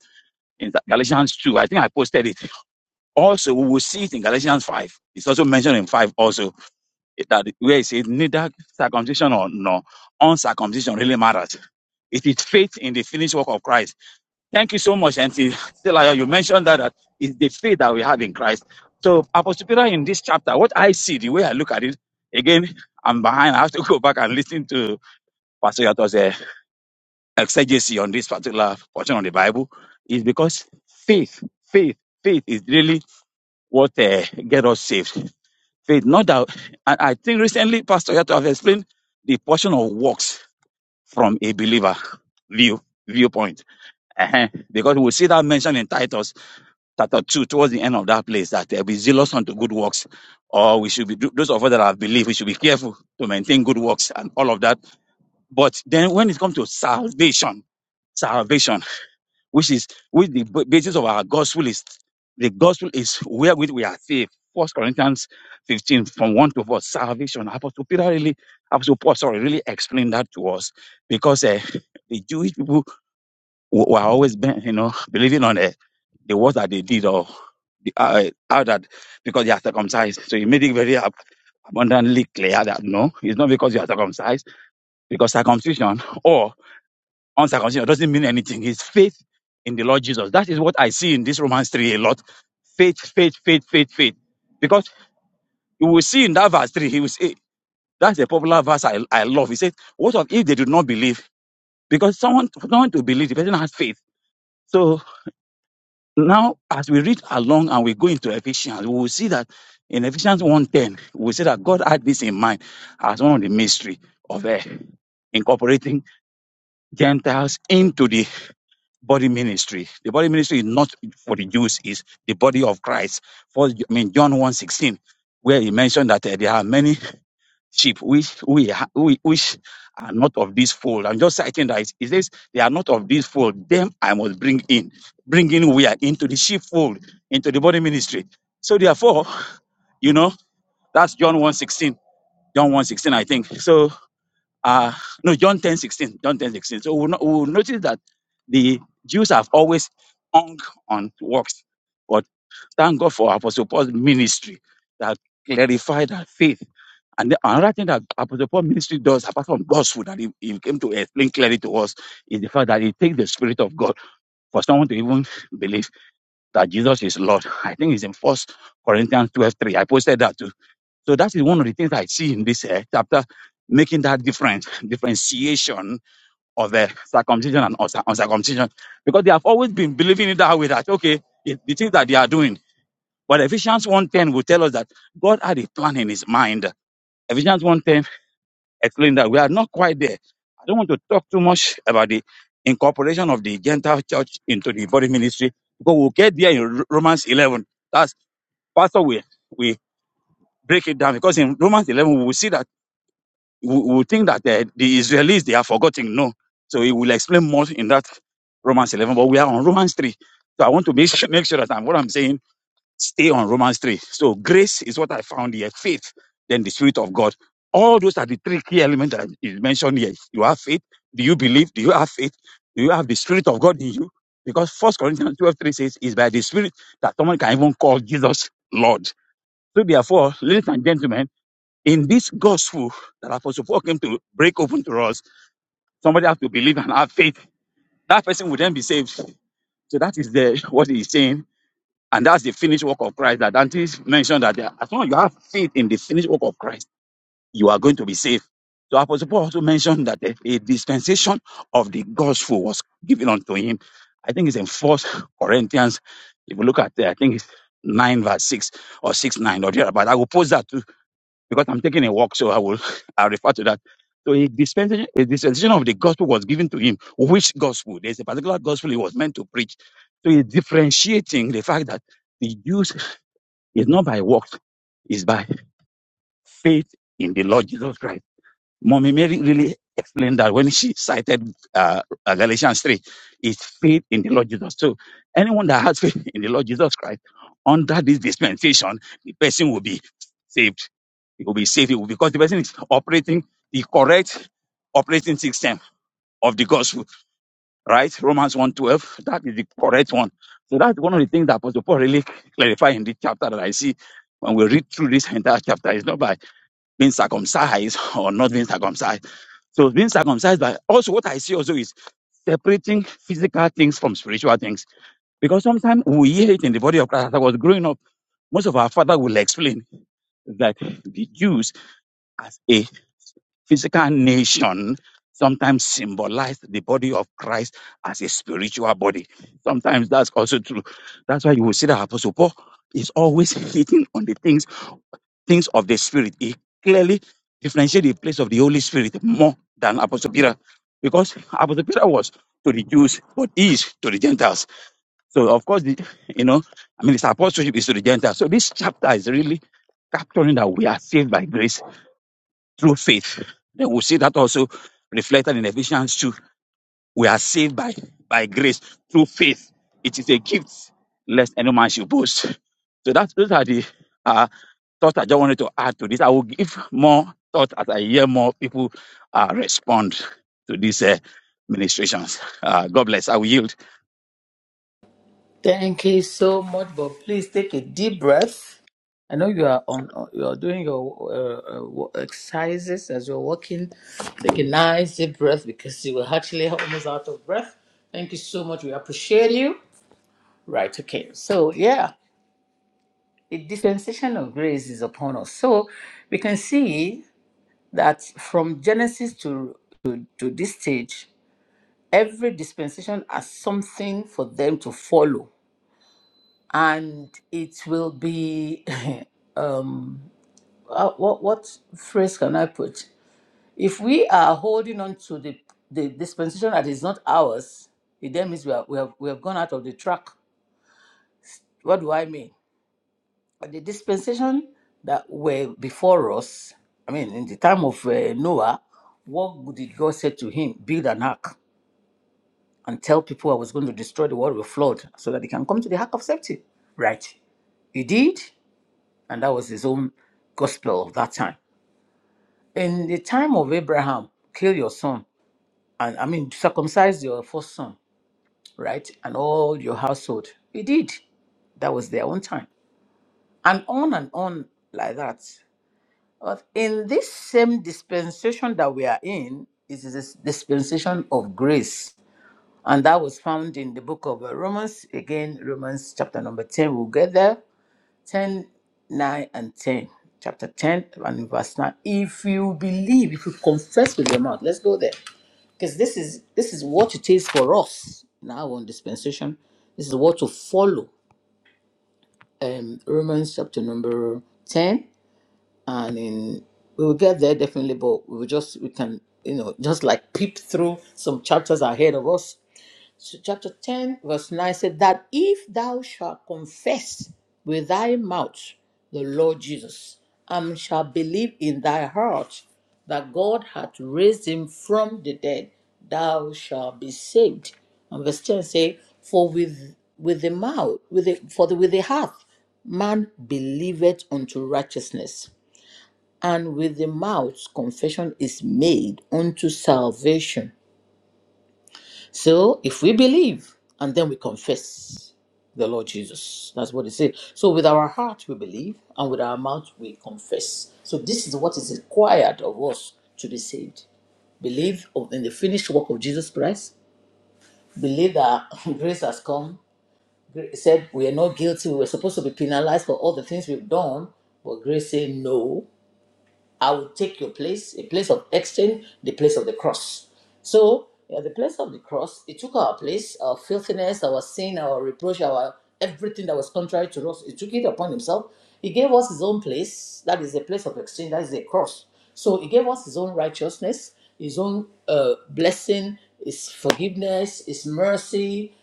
in Galatians 2. I think I posted it. Also, we will see it in Galatians 5. It's also mentioned in 5 also that where it says neither circumcision or no uncircumcision really matters. It is faith in the finished work of Christ Thank you so much, Auntie Stella. You mentioned that, that is the faith that we have in Christ. So, Apostle Peter, in this chapter, what I see, the way I look at it, again, I'm behind. I have to go back and listen to Pastor Yato's uh, exegesis on this particular portion of the Bible, is because faith, faith, faith is really what uh, get us saved. Faith, not that. And I think recently, Pastor Yato have explained the portion of works from a believer view viewpoint. uh Because we see that mentioned in Titus chapter 2 towards the end of that place that uh, be zealous unto good works or we should be those of us that have believed we should be careful to maintain good works and all of that but then when it comes to salvation salvation which is which the b- basis of our gospel is the gospel is wherewith we are saved first corinthians 15 from 1 to 4 salvation apostle peter really apostle paul sorry really explained that to us because uh, the jewish people we- we're always been, you know, believing on it, the words that they did or the, uh, uh, how that because they are circumcised. So he made it very ab- abundantly clear that no, it's not because you are circumcised, because circumcision or uncircumcision doesn't mean anything. It's faith in the Lord Jesus. That is what I see in this Romans 3 a lot. Faith, faith, faith, faith, faith. Because you will see in that verse 3, he will say, that's a popular verse I, I love. He said, What of if they do not believe? Because someone, someone to believe, the person has faith. So. Now, as we read along and we go into Ephesians, we will see that in Ephesians 1.10, we see that God had this in mind as one of the mystery of uh, incorporating Gentiles into the body ministry. The body ministry is not for the Jews, is the body of Christ. For I mean John 1.16, where he mentioned that uh, there are many sheep which we ha- we which are not of this fold. I'm just citing that it it says they are not of this fold. Them I must bring in, bring in we are into the sheepfold, into the body ministry. So therefore, you know that's John one sixteen, John one sixteen, I think. So uh no John 10 16, John 10 16. So we'll, no, we'll notice that the Jews have always hung on works. But thank God for Apostle Paul's ministry that clarified that faith. And the, another thing that Apostle Paul ministry does, apart from God's food, that he, he came to explain clearly to us, is the fact that he takes the Spirit of God for someone to even believe that Jesus is Lord. I think it's in First Corinthians twelve three. I posted that too. So that is one of the things I see in this uh, chapter, making that difference, differentiation of the circumcision and uncir- uncircumcision, because they have always been believing it that way that, okay, it, the things that they are doing. But Ephesians 1.10 will tell us that God had a plan in his mind. Ephesians 1.10 explain that we are not quite there. I don't want to talk too much about the incorporation of the Gentile church into the body ministry because we'll get there in Ro- Romans 11. That's Pastor, we, we break it down because in Romans 11, we will see that we we will think that uh, the Israelis they are forgotten. No, so he will explain more in that Romans 11, but we are on Romans 3. So I want to make sure, make sure that I'm what I'm saying Stay on Romans 3. So grace is what I found here. Faith, then the Spirit of God. All those are the three key elements that is mentioned here. You have faith. Do you believe? Do you have faith? Do you have the Spirit of God in you? Because First Corinthians 12 3 says, it's by the Spirit that someone can even call Jesus Lord. So therefore, ladies and gentlemen, in this gospel that Apostle Paul came to break open to us, somebody has to believe and have faith. That person will then be saved. So that is the <laughs> what he's saying and that's the finished work of Christ that Auntie mentioned that there- as long as you have faith in the finished work of Christ, you are going to be saved. So Apostle Paul also mentioned that a, a dispensation of the gospel was given unto him. I think it's in First Corinthians. If you look at it, I think it's nine verse six or six nine or there. But I will post that too because I'm taking a walk, so I will <laughs> I'll refer to that. So a dispensation, a dispensation of the gospel was given to him. Which gospel? There's a particular gospel he was meant to preach. So he's differentiating the fact that the Jews is not by works, it's by faith in the Lord Jesus Christ. Mommy Mary really explained that when she cited uh, uh, Galatians 3, it's faith in the Lord Jesus. So anyone that has faith in the Lord Jesus Christ under this dispensation, the person will be saved. It will be saved because the person is operating the correct operating system of the gospel, right? Romans one twelve. that is the correct one. So that's one of the things that Apostle Paul really clarified in this chapter that I see when we read through this entire chapter. It's not by being circumcised or not being circumcised. So being circumcised, but also what I see also is separating physical things from spiritual things. Because sometimes we hear it in the body of Christ. As I was growing up, most of our father will explain that the Jews as a physical nation sometimes symbolize the body of Christ as a spiritual body. Sometimes that's also true. That's why you will see that Apostle Paul is always hitting on the things, things of the spirit. He clearly differentiates the place of the Holy Spirit more than Apostle Peter. Because Apostle Peter was to the Jews, but he is to the Gentiles. So of course, the, you know, I mean, his apostleship is to the Gentiles. So this chapter is really capturing that we are saved by grace through faith. Then we see that also reflected in Ephesians 2. We are saved by, by grace through faith. It is a gift, lest any man should boast. So that, those are the uh, thoughts I just wanted to add to this. I will give more thought as I hear more people uh, respond to these uh, ministrations. Uh, God bless. I will yield.
Thank you so much, but please take a deep breath. I know you are on. You are doing your uh, uh, wo- exercises as you're walking. Take a nice deep breath because you were actually almost out of breath. Thank you so much. We appreciate you. Right. Okay. So yeah, the dispensation of grace is upon us. So we can see. that from Genesis to, to, to this stage, every dispensation has something for them to follow. And it will be, <laughs> um, uh, what, what phrase can I put? If we are holding on to the, the dispensation that is not ours, it then means we, are, we, have, we have gone out of the track. What do I mean? The dispensation that were before us, I mean, in the time of uh, Noah, what did God say to him? Build an ark and tell people I was going to destroy the world with flood so that they can come to the ark of safety. Right. He did, and that was his own gospel of that time. In the time of Abraham, kill your son, and I mean, circumcise your first son, right? And all your household. He did. That was their own time. And on and on like that. But in this same dispensation that we are in, it is this dispensation of grace And that was found in the book of uh, Romans. Again, Romans chapter number 10. We'll get there. 10, 9, and 10. Chapter 10 and verse 9. If you believe, if you confess with your mouth, let's go there. Because this is this is what it is for us now on dispensation. This is what to follow. Um Romans chapter number 10. And in we will get there definitely, but we will just we can, you know, just like peep through some chapters ahead of us So chapter 10, verse 9 said, That if thou shalt confess with thy mouth the Lord Jesus, and shalt believe in thy heart that God hath raised him from the dead, thou shalt be saved. And verse 10 say, For with with the mouth, with the, for the, with the heart, man believeth unto righteousness, and with the mouth confession is made unto salvation. So if we believe and then we confess the Lord Jesus, that's what it says. So with our heart we believe and with our mouth we confess. So this is what is required of us to be saved. Believe of- in the finished work of Jesus Christ. Believe that <laughs> grace has come. Gra- It Said we are not guilty. We were supposed to be penalized for all the things we've done, but grace said no. I will take your place, a place of exchange, the place of the cross. So, at the place of the cross, it took our place, our filthiness, our sin, our reproach, our everything that was contrary to us. He took it upon himself. He gave us his own place. That is a place of exchange. That is a cross. So, he gave us his own righteousness, his own uh, blessing, his forgiveness, his mercy,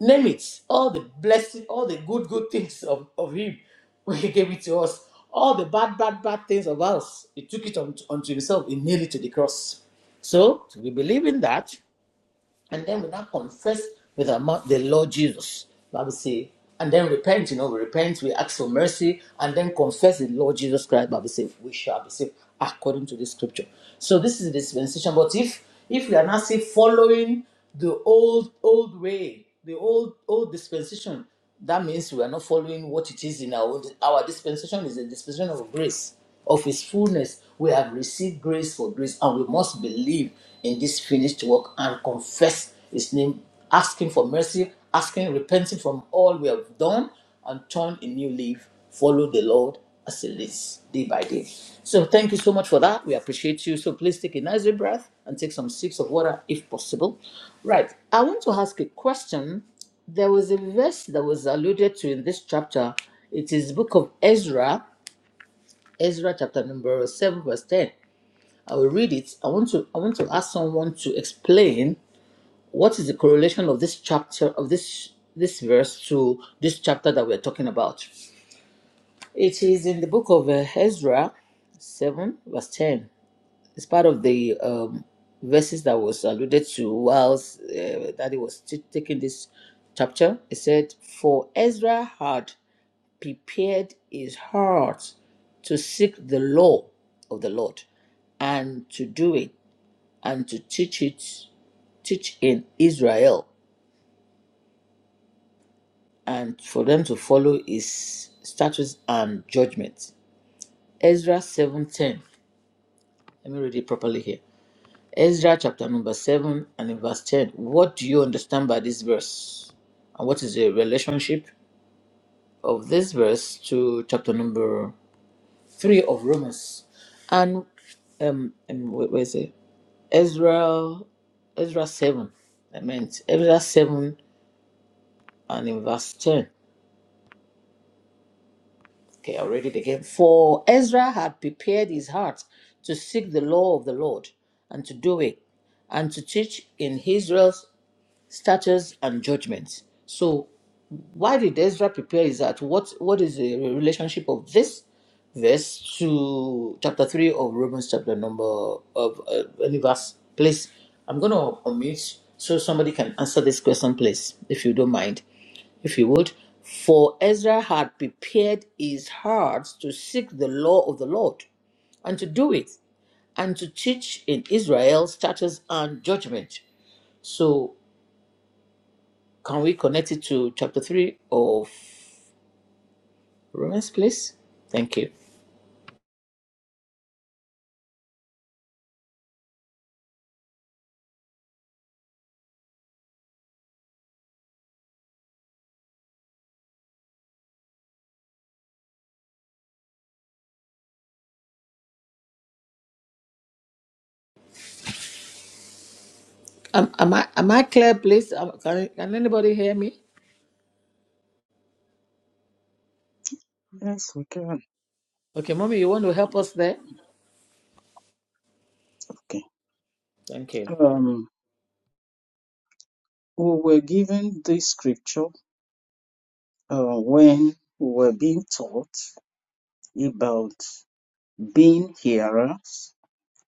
name it all the blessing all the good good things of, of him <laughs> when he gave it to us all the bad bad bad things of us he took it unto, unto himself he nailed it to the cross so we believe in that and then we now confess with our mouth the Lord Jesus. Bible say, and then repent, you know, we repent, we ask for mercy, and then confess the Lord Jesus Christ. Bible say, we shall be saved according to the scripture. So this is the dispensation. But if if we are not say following the old old way, the old old dispensation, that means we are not following what it is in our own. Our dispensation is a dispensation of grace, of His fullness. We have received grace for grace, and we must believe in this finished work and confess His name, asking for mercy, asking, repenting from all we have done, and turn a new leaf. Follow the Lord as He leads, day by day. So, thank you so much for that. We appreciate you. So, please take a nice deep breath and take some sips of water if possible. Right. I want to ask a question there was a verse that was alluded to in this chapter. It is book of Ezra, Ezra chapter number 7 verse 10. I will read it. I want to I want to ask someone to explain what is the correlation of this chapter of this this verse to this chapter that we're talking about. It is in the book of uh, Ezra 7 verse 10. It's part of the um, verses that was alluded to whilst uh, that he was t- taking this chapter. It said, For Ezra had prepared his heart to seek the law of the Lord and to do it and to teach it, teach in Israel and for them to follow his statutes and judgments. Ezra 7:10. Let me read it properly here. Ezra chapter number 7 and in verse 10. What do you understand by this verse? And what is the relationship of this verse to chapter number three of Romans, and um, um wh- where is it? Ezra, Ezra seven. I meant Ezra seven and in verse ten. Okay, I'll read it again. For Ezra had prepared his heart to seek the law of the Lord and to do it, and to teach in Israel's statutes and judgments. So Why did Ezra prepare is that what what is the relationship of this verse to chapter three of Romans chapter number of uh, any verse? Please, I'm gonna unmute so somebody can answer this question, please, if you don't mind, if you would. For Ezra had prepared his heart to seek the law of the Lord and to do it and to teach in Israel statutes and judgment. So, can we connect it to chapter 3 of Romans, please. Thank you. Um, am I am I clear, please? Um, can, can anybody hear me?
Yes, we can.
Okay, mommy, you want to help us there?
Okay.
Thank you.
Um, we were given this scripture uh, when we were being taught about being hearers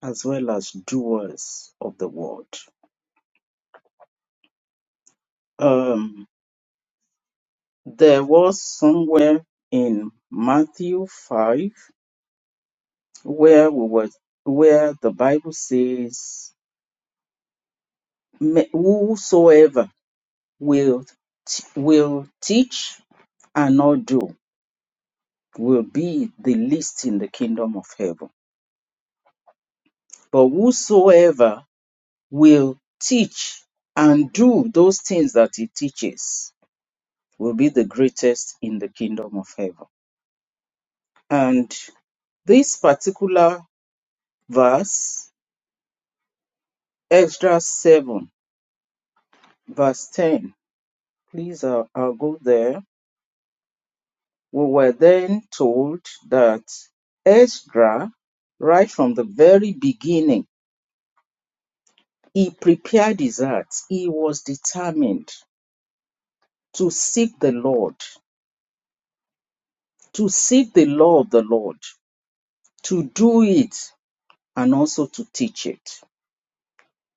as well as doers of the word. Um, there was somewhere in Matthew 5 where we were, where the Bible says, "Ma- "Whosoever will t- will teach and not do will be the least in the kingdom of heaven." But whosoever will teach and do those things that he teaches will be the greatest in the kingdom of heaven. And this particular verse, Extra 7, verse 10, please, I'll, I'll go there We were then told that Ezra, right from the very beginning, he prepared his heart. He was determined to seek the Lord, to seek the law of the Lord, to do it, and also to teach it.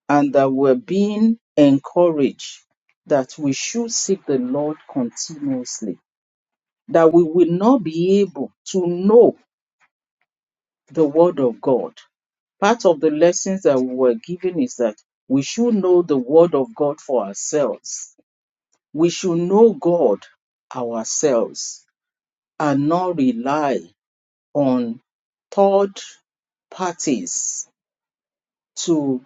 And that we're being encouraged that we should seek the Lord continuously, that we will not be able to know the Word of God Part of the lessons that we were given is that we should know the Word of God for ourselves. We should know God ourselves and not rely on third parties to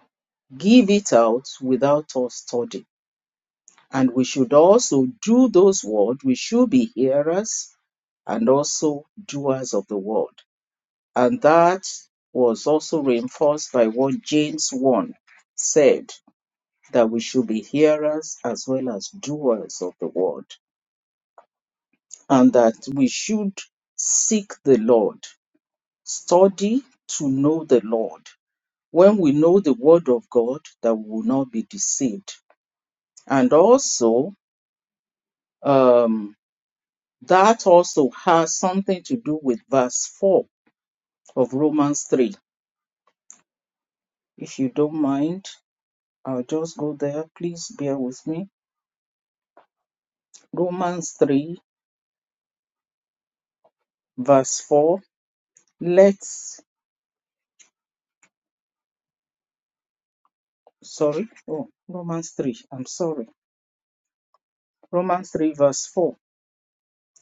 give it out without us studying. And we should also do those words. We should be hearers and also doers of the word. And that was also reinforced by what James 1 said that we should be hearers as well as doers of the word, and that we should seek the Lord, study to know the Lord. When we know the word of God, that we will not be deceived. And also, um, that also has something to do with verse 4 of Romans 3. If you don't mind, I'll just go there. Please bear with me. Romans 3, verse 4. Let sorry, oh, Romans 3, I'm sorry. Romans 3, verse 4.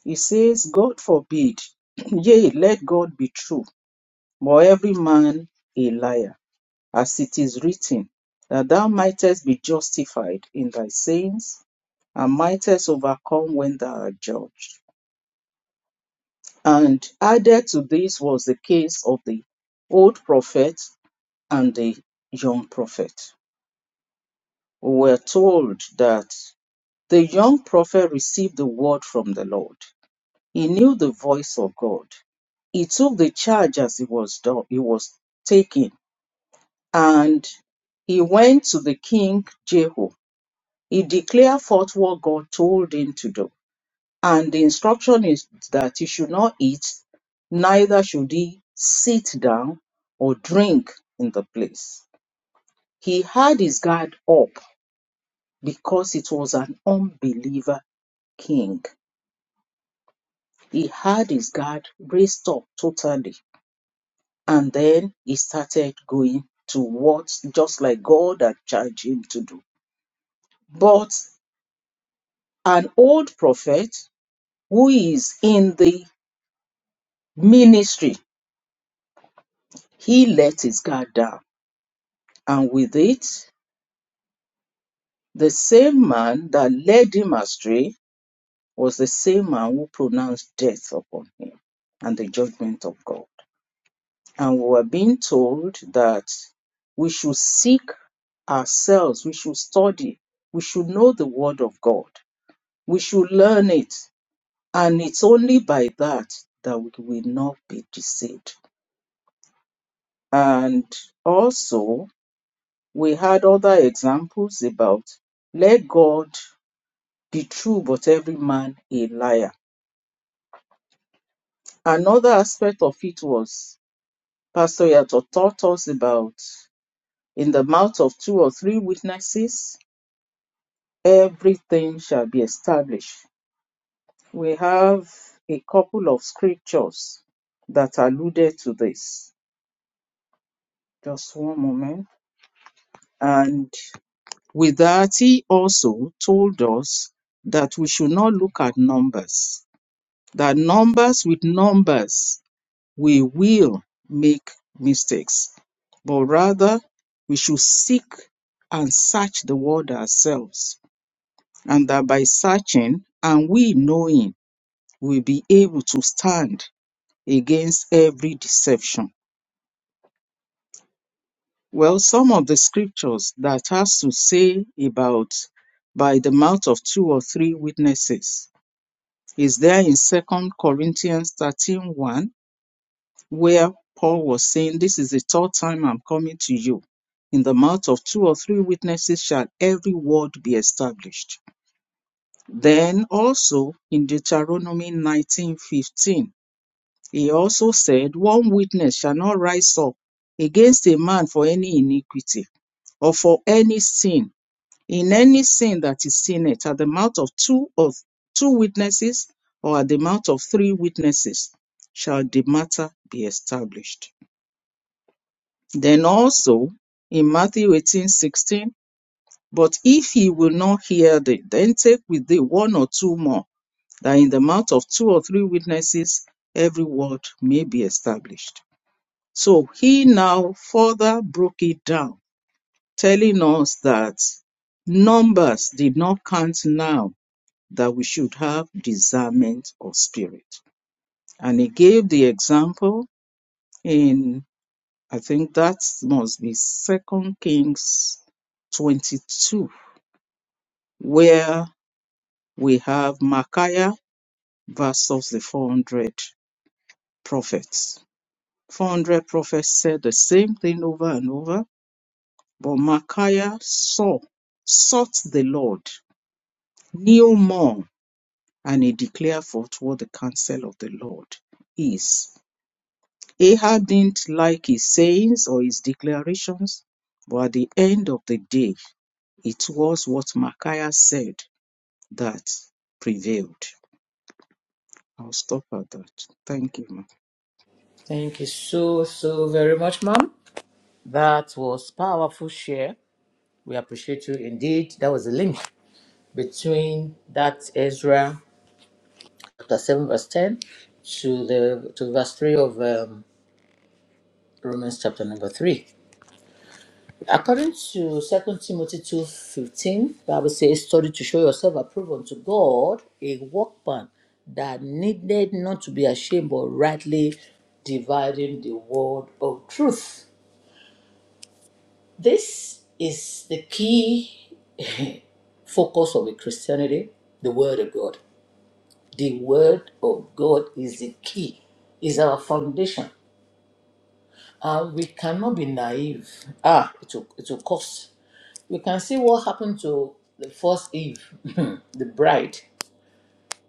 It says, God forbid, <clears throat> yea, let God be true, but every man a liar, as it is written, that thou mightest be justified in thy sayings, and mightest overcome when thou art judged. And added to this was the case of the old prophet and the young prophet. We were told that the young prophet received the word from the Lord, He knew the voice of God. He took the charge as he was done, he was taken, and he went to the king Jehu. He declared forth what God told him to do. And the instruction is that he should not eat, neither should he sit down or drink in the place. He had his guard up because it was an unbeliever king. He had his guard raised up totally And then he started going to what just like God had charged him to do. But an old prophet who is in the ministry, he let his guard down. And with it, the same man that led him astray was the same man who pronounced death upon him and the judgment of God. And we were being told that we should seek ourselves, we should study, we should know the word of God We should learn it. And it's only by that that we will not be deceived. And also, we had other examples about let God be true, but every man a liar. Another aspect of it was Pastor Yato taught us about in the mouth of two or three witnesses, everything shall be established. We have a couple of scriptures that alluded to this Just one moment. And with that, he also told us that we should not look at numbers, that numbers with numbers, we will make mistakes, but rather we should seek and search the word ourselves, and that by searching and we knowing, we'll be able to stand against every deception Well, some of the scriptures that has to say about by the mouth of two or three witnesses is there in Second Corinthians thirteen one, where Paul was saying, This is the third time I'm coming to you. In the mouth of two or three witnesses shall every word be established. Then also in Deuteronomy nineteen fifteen, he also said, One witness shall not rise up against a man for any iniquity or for any sin In any sin that is sinned at the mouth of two of two witnesses or at the mouth of three witnesses shall the matter be established. Then also in Matthew eighteen sixteen, but if he will not hear thee, then take with thee one or two more, that in the mouth of two or three witnesses every word may be established. So he now further broke it down, telling us that numbers did not count now that we should have discernment of spirit. And he gave the example in, I think that must be Second Kings 22, where we have Micaiah versus the 400 prophets. 400 prophets said the same thing over and over, but Micaiah saw, sought the Lord, knew more, and he declared forth what the counsel of the Lord is. Ahab didn't like his sayings or his declarations, but at the end of the day, it was what Micaiah said that prevailed. I'll stop at that. Thank you, ma'am.
Thank you so so very much, mom. That was powerful share. We appreciate you indeed. That was a link between that Ezra chapter seven verse ten to the to verse three of um, Romans chapter number three. According to Second Timothy 2.15, Bible says, study to show yourself approved unto God, a workman that needed not to be ashamed, but rightly dividing the word of truth. This is the key focus of a Christianity, the Word of God. The Word of God is the key, is our foundation. And we cannot be naive. Ah, it will, it will cost. We can see what happened to the first Eve, <laughs> the bride.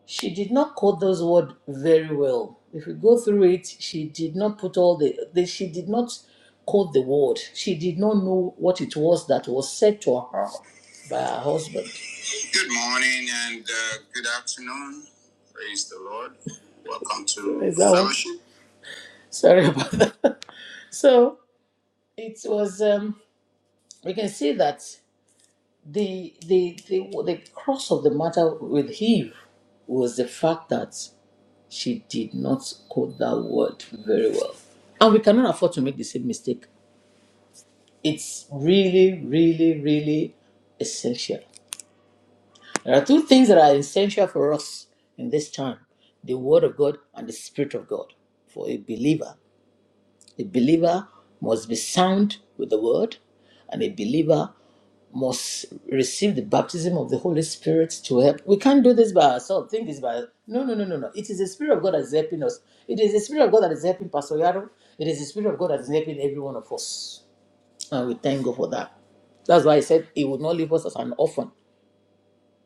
She did not quote those words very well. If you go through it, she did not put all the, the she did not quote the word. She did not know what it was that was said to her by her husband. <laughs> Sorry about that. <laughs> So it was. Um, we can see that the the the the cross of the matter with Eve was the fact that She did not quote that word very well. And we cannot afford to make the same mistake. It's really, really, really essential. There are two things that are essential for us in this time the Word of God and the Spirit of God for a believer. A believer must be sound with the word, and a believer must receive the baptism of the Holy Spirit to help. We can't do this by ourselves. Think this by no, no, no, no, no. It is the Spirit of God that is helping us. It is the Spirit of God that is helping Pastor Yaro. It is the Spirit of God that is helping every one of us, and we thank God for that. That's why He said He would not leave us as an orphan.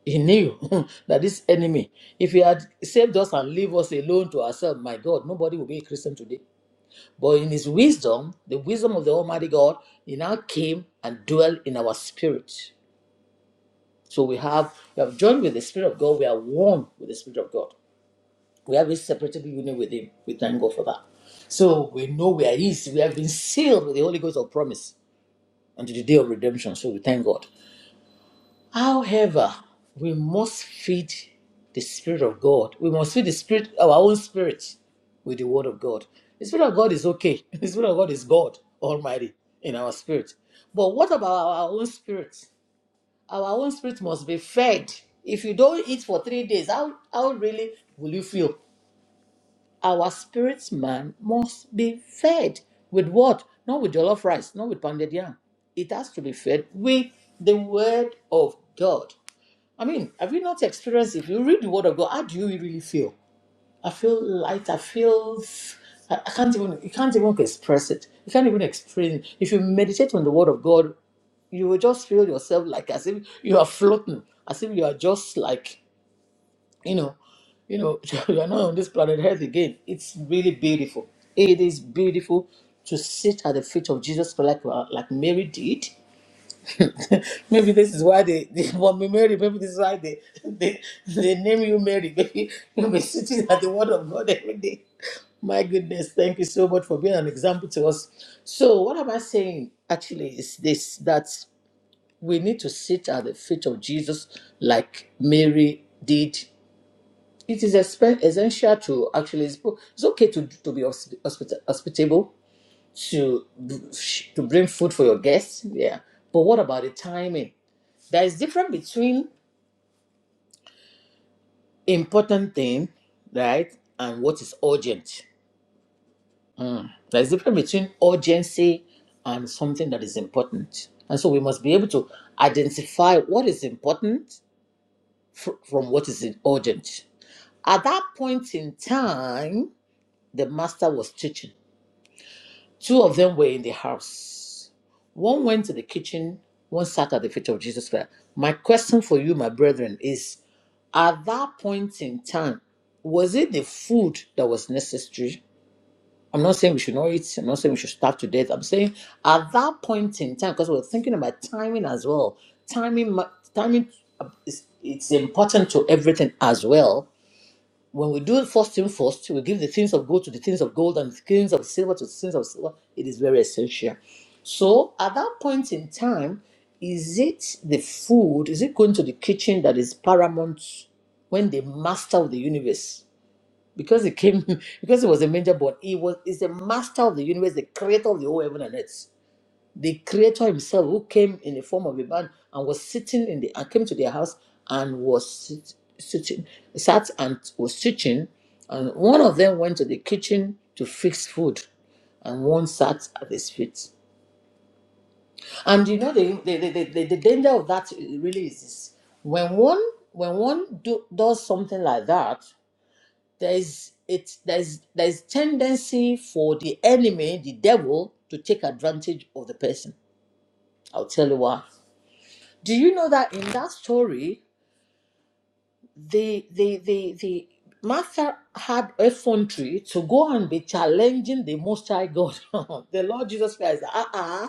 He knew <laughs> that this enemy, if he had saved us and leave us alone to ourselves, my God, nobody would be a Christian today. But in his wisdom, the wisdom of the Almighty God, he now came and dwelt in our spirit. So we have we have joined with the Spirit of God, we are one with the Spirit of God. We have inseparable union with Him. We thank God for that. So we know we are His. We have been sealed with the Holy Ghost of promise until the day of redemption. So we thank God. However, we must feed the Spirit of God. We must feed the Spirit, our own spirit, with the Word of God. The Spirit of God is okay. <laughs> The Spirit of God is God Almighty in our spirit. But what about our own spirit? Our own spirit must be fed. If you don't eat for three days, how, how really will you feel? Our spirit man must be fed with what? Not with jollof rice, not with pounded yam. It has to be fed with the Word of God. I mean, have you not experienced? If you read the Word of God, how do you really feel? I feel light. I feel. I I can't even. You can't even express it. You can't even explain. It. If you meditate on the Word of God, you will just feel yourself like as if you are floating, as if you are just like you know, you know, <laughs> you are not on this planet Earth again. It's really beautiful. It is beautiful to sit at the feet of Jesus, like like Mary did <laughs> maybe this is why they, they want me Mary. Maybe this is why they, they they name you Mary. <laughs> Maybe you'll be sitting at the word of God every day. My goodness, thank you so much for being an example to us. So, what am I saying actually is this that we need to sit at the feet of Jesus like Mary did. It is espe- essential to actually, it's o- it's okay to, to be hospi- hospita- hospitable, to, to bring food for your guests. Yeah. But what about the timing? There is difference between important thing, right, and what is urgent. There is difference between urgency and something that is important. And so we must be able to identify what is important fr- from what is urgent. At that point in time, the master was teaching. Two of them were in the house. One went to the kitchen, one sat at the feet of Jesus. Christ. My question for you, my brethren, is At that point in time, was it the food that was necessary? I'm not saying we should not eat. I'm not saying we should starve to death. I'm saying at that point in time, because we're thinking about timing as well. Timing, ma- timing, uh, is, it's important to everything as well when we do first thing first, we give the things of gold to the things of gold and the things of silver to the things of silver. It is very essential. So at that point in time, is it the food, is it going to the kitchen that is paramount when the master of the universe? Because it came <laughs> because it was a major born, he was is the master of the universe, the creator of the whole heaven and earth the creator himself who came in the form of a man and was sitting in the and came to their house and was sit, sitting sat and was sitting and one of them went to the kitchen to fix food and one sat at his feet and you know the the, the, the, the danger of that really is this when one when one do, does something like that there is it there's there's tendency for the enemy the devil to take advantage of the person i'll tell you why Do you know that in that story, the the the the Martha had effrontery to go and be challenging the Most High God, <laughs> the Lord Jesus Christ. Ah uh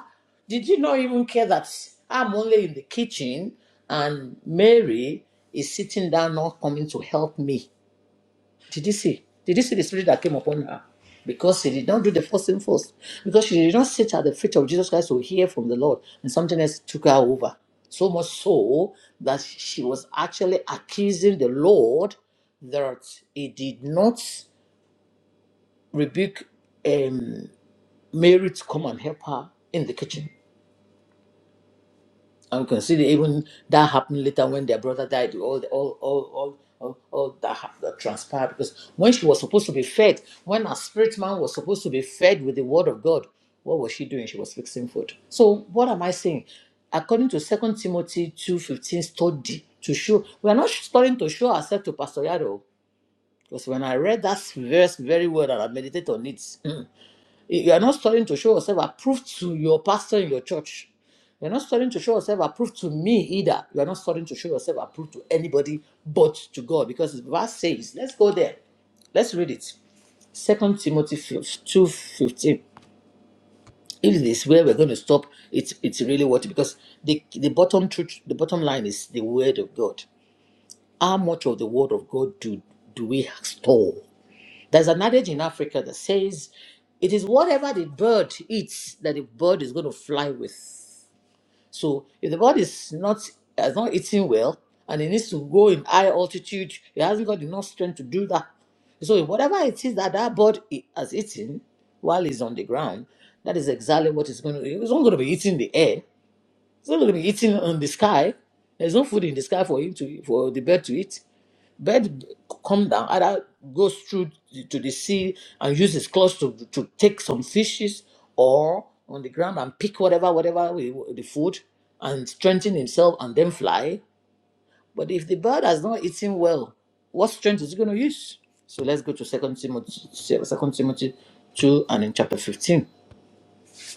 Did you not even care that I'm only in the kitchen and Mary is sitting down, not coming to help me? Did you see? Did you see the spirit that came upon her? Because she did not do the first thing first. Because she did not sit at the feet of Jesus Christ to hear from the Lord, and something else took her over. So much so that she was actually accusing the Lord that he did not rebuke um, Mary to come and help her in the kitchen. And you can see that even that happened later when their brother died. All, all, all, all, all, all that, hap- that transpired because when she was supposed to be fed, when a spirit man was supposed to be fed with the word of God, what was she doing? She was fixing food. So what am I saying? According to Second Timothy two fifteen study to show we are not studying to show ourselves to Pastor Yaro because when I read that verse very well and I meditate on it, hmm, you are not starting to show yourself approved to your pastor in your church. You're not starting to show yourself approved to me either. You are not starting to show yourself approved to anybody but to God. Because the verse says, let's go there. Let's read it. Second Timothy 2.15. If this where we're going to stop, it's it's really what because the the bottom truth, the bottom line is the word of God. How much of the word of God do do we store? There's an adage in Africa that says it is whatever the bird eats that the bird is going to fly with. So if the bird is not has not eating well and it needs to go in high altitude, it hasn't got enough strength to do that. So if whatever it is that that bird i- has eaten while it's on the ground, that is exactly what it's going to. It's not going to be eating the air. It's not going to be eating on the sky. There's no food in the sky for him to for the bird to eat. Bird come down, either goes through to the sea and use his claws to, to take some fishes or on the ground and pick whatever, whatever we- the food and strengthen himself and then fly. But if the bird has not eaten well, what strength is he going to use? So let's go to Second Timothy, Second Timothy 2 and in chapter 15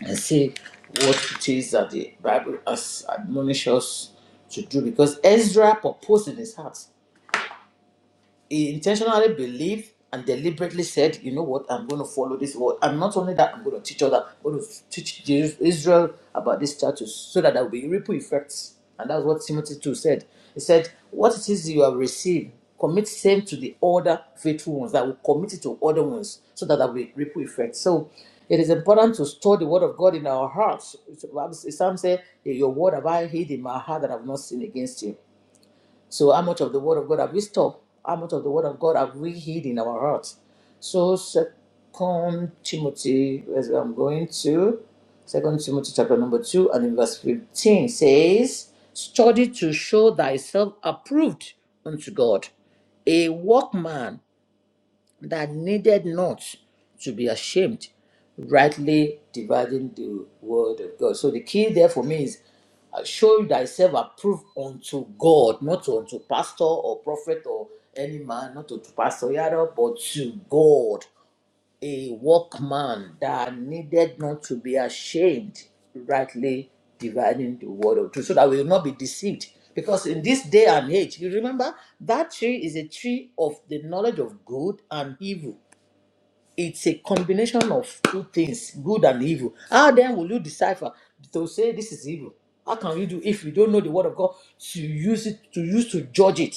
and see what it is that the Bible has admonished us to do because Ezra proposed in his heart he intentionally believed and deliberately said, you know what, I'm going to follow this word. And not only that, I'm going to teach others, I'm going to teach the Israel about this status so that there will be ripple effects. And that's what Timothy 2 said. He said, what it is you have received, commit same to the other faithful ones that will commit it to other ones so that there will be ripple effects. So it is important to store the word of God in our hearts. Psalm says, your word have I hid in my heart that I have not sinned against you. So, how much of the Word of God have we stopped? How much of the Word of God have we hid in our hearts? So, Second Timothy, as I'm going to, Second Timothy chapter number two and in verse fifteen says, "Study to show thyself approved unto God, a workman." that needed not to be ashamed, rightly dividing the word of God. So the key there for me is uh, show thyself approved unto God, not unto pastor or prophet or any man, not unto pastor, yada, but to God a workman that needed not to be ashamed, rightly dividing the word of truth, so that we will not be deceived. Because in this day and age, you remember that tree is a tree of the knowledge of good and evil it's a combination of two things, good and evil. How then will you decipher to say this is evil? How can you do if you don't know the word of God to use it to use to judge it?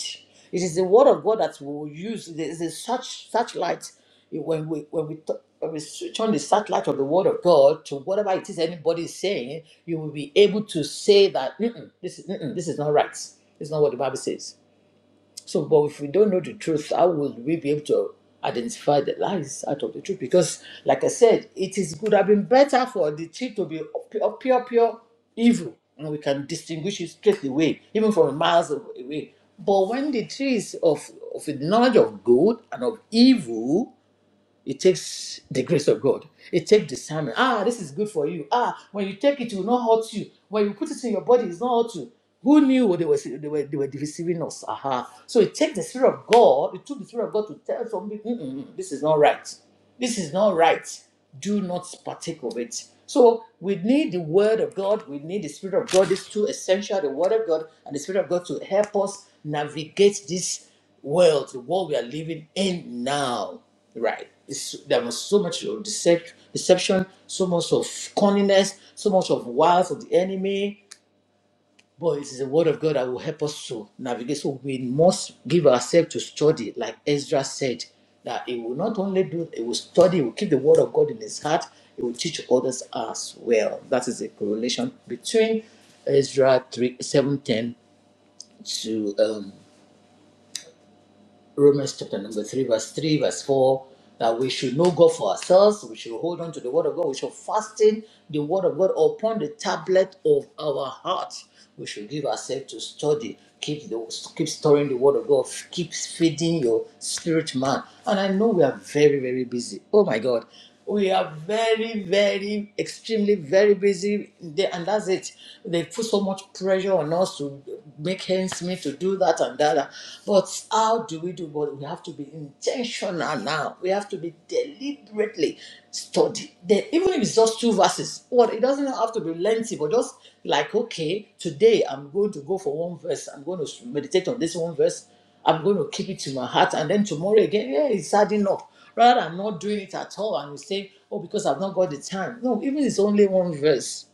It is the word of God that we will use. There is a such such light when we when we t- when we switch on the satellite of the word of God to whatever it is anybody is saying, you will be able to say that "Mm-mm, this is mm-mm, this is not right. It's not what the Bible says so, but if we don't know the truth, how would we be able to identify the lies out of the truth? Because, like I said, it is would have been better for the tree to be pure, pure, pure evil, and we can distinguish it straight away, even from miles away. But when the tree is of, of the knowledge of good and of evil, it takes the grace of God. It takes discernment. Ah, this is good for you. Ah, when you take it, it will not hurt you. When you put it in your body, it's not hurt you. Who knew what they were they were, they were deceiving us? Aha. So it takes the spirit of God. It took the spirit of God to tell somebody, "Mm-mm, this is not right. This is not right. Do not partake of it. So we need the word of God, we need the spirit of God, these two essential, the word of God and the spirit of God to help us navigate this world, the world we are living in now. Right. It's, there was so much of decep- deception, so much of cunningness, so much of wiles of the enemy, but it is the word of God that will help us to navigate. So we must give ourselves to study, like Ezra said, that he will not only do, he will study, he will keep the word of God in his heart, he will teach others as well. That is the correlation between Ezra 3, 7.10 to um, Romans chapter number 3, verse 3, verse 4, that we should know God for ourselves. We should hold on to the Word of God. We should fasten the Word of God upon the tablet of our heart. We should give ourselves to study. Keep, the, keep storing the Word of God. Keep feeding your spirit man. And I know we are very, very busy. Oh my God we are very, very, extremely, very busy, there, and that's it. They put so much pressure on us to make ends meet, to do that and that. But how do we do? But we have to be intentional now. We have to be deliberately study. Then, even if it's just two verses, well, it doesn't have to be lengthy, but just like okay, today I'm going to go for one verse. I'm going to meditate on this one verse. I'm going to keep it to my heart, and then tomorrow again, yeah, it's hard enough. Rather than not doing it at all, and you say, oh, because I've not got the time. No, even it's only one verse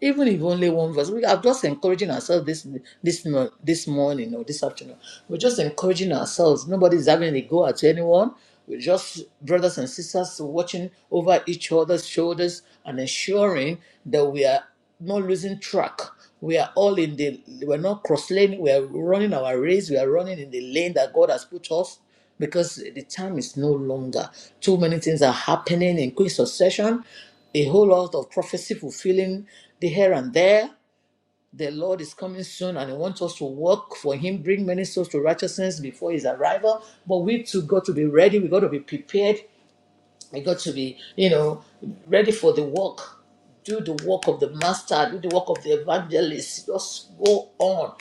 even if only one verse we are just encouraging ourselves this this mo- this morning or this afternoon we're just encouraging ourselves nobody's having a go at anyone we're just brothers and sisters watching over each other's shoulders and ensuring that we are not losing track we are all in the we're not cross lane we are running our race we are running in the lane that god has put us because the time is no longer. Too many things are happening in quick succession, a whole lot of prophecy fulfilling the here and there. The Lord is coming soon and He wants us to work for Him, bring many souls to righteousness before His arrival. But we too got to be ready, we got to be prepared you got to be, you know, ready for the work. Do the work of the master, do the work of the evangelist. Just go on.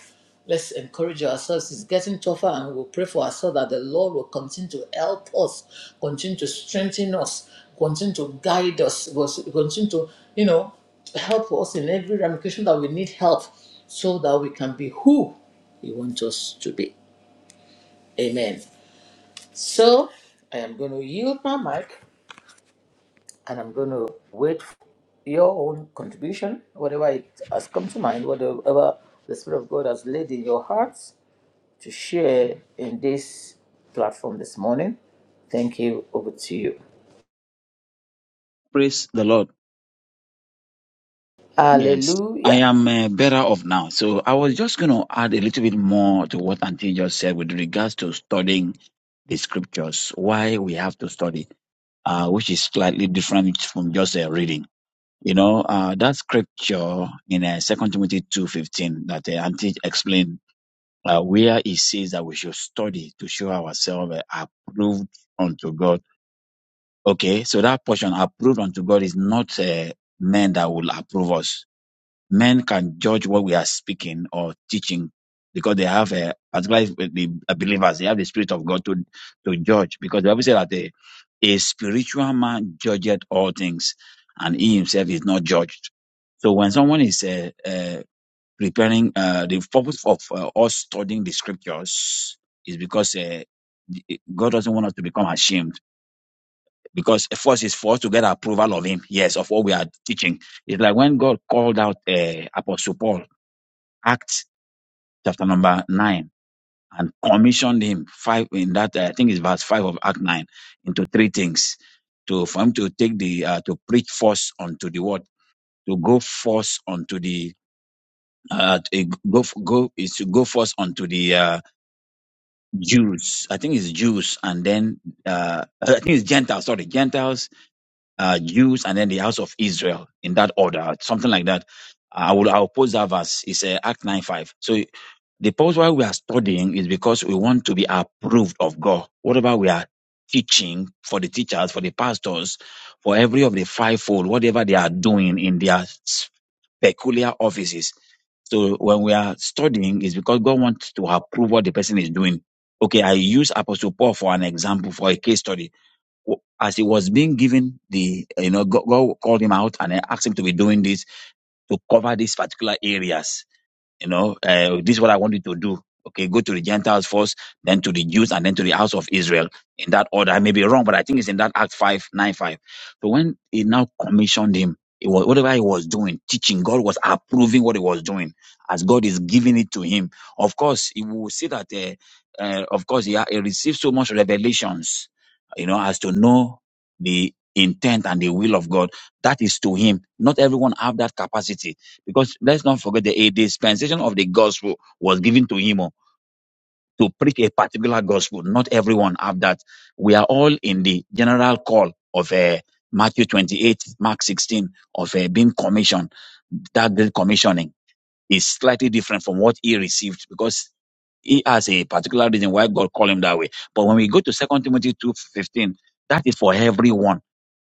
Let's encourage ourselves. It's getting tougher, and we'll pray for ourselves that the Lord will continue to help us, continue to strengthen us, continue to guide us, continue to, you know, help us in every ramification that we need help so that we can be who He wants us to be. Amen. So, I am going to yield my mic and I'm going to wait for your own contribution, whatever it has come to mind, whatever the Spirit of God has laid in your hearts to share in this platform this morning. Thank you. Over to you.
Praise the Lord. Yes, I
Hallelujah.
am uh, better off now. So I was just going to add a little bit more to what Auntie just said with regards to studying the scriptures, why we have to study, uh, which is slightly different from just uh, reading. You know, uh, that scripture in uh, 2 Timothy 2.15 that uh, Auntie explained, uh, where it says that we should study to show ourselves uh, approved unto God. Okay, so that portion approved unto God is not uh, men that will approve us men can judge what we are speaking or teaching because they have a particularly with the believers they have the spirit of god to to judge because the bible says that a, a spiritual man judgeth all things and he himself is not judged so when someone is uh, uh, preparing uh, the purpose of uh, us studying the scriptures is because uh, god doesn't want us to become ashamed because first is for us to get approval of him yes of what we are teaching it's like when god called out uh, apostle paul Acts chapter number nine and commissioned him five in that uh, I think it's verse five of Act nine into three things to for him to take the uh, to preach force unto the word to go force unto the uh, to go go is to go force unto the uh, Jews. I think it's Jews and then uh, I think it's Gentiles. Sorry, Gentiles, uh, Jews, and then the house of Israel in that order, something like that. I will I'll post that verse. It's uh, Act nine five. so. The purpose why we are studying is because we want to be approved of God. Whatever we are teaching for the teachers, for the pastors, for every of the fivefold, whatever they are doing in their peculiar offices. So when we are studying, is because God wants to approve what the person is doing. Okay, I use Apostle Paul for an example, for a case study. As he was being given the, you know, God, God called him out and asked him to be doing this to cover these particular areas you know, uh, this is what I want you to do. Okay, go to the Gentiles first, then to the Jews, and then to the house of Israel in that order. I may be wrong, but I think it's in that Act 5 9 5. So when he now commissioned him, it was whatever he was doing, teaching, God was approving what he was doing as God is giving it to him. Of course, he will see that, uh, uh, of course, he, ha- he received so much revelations, you know, as to know the intent and the will of God. That is to him. Not everyone have that capacity because let's not forget the a dispensation of the gospel was given to him oh, to preach a particular gospel. Not everyone have that. We are all in the general call of uh, Matthew 28, Mark 16, of uh, being commissioned. That great commissioning is slightly different from what he received because he has a particular reason why God called him that way. But when we go to Second Timothy 2.15, that is for everyone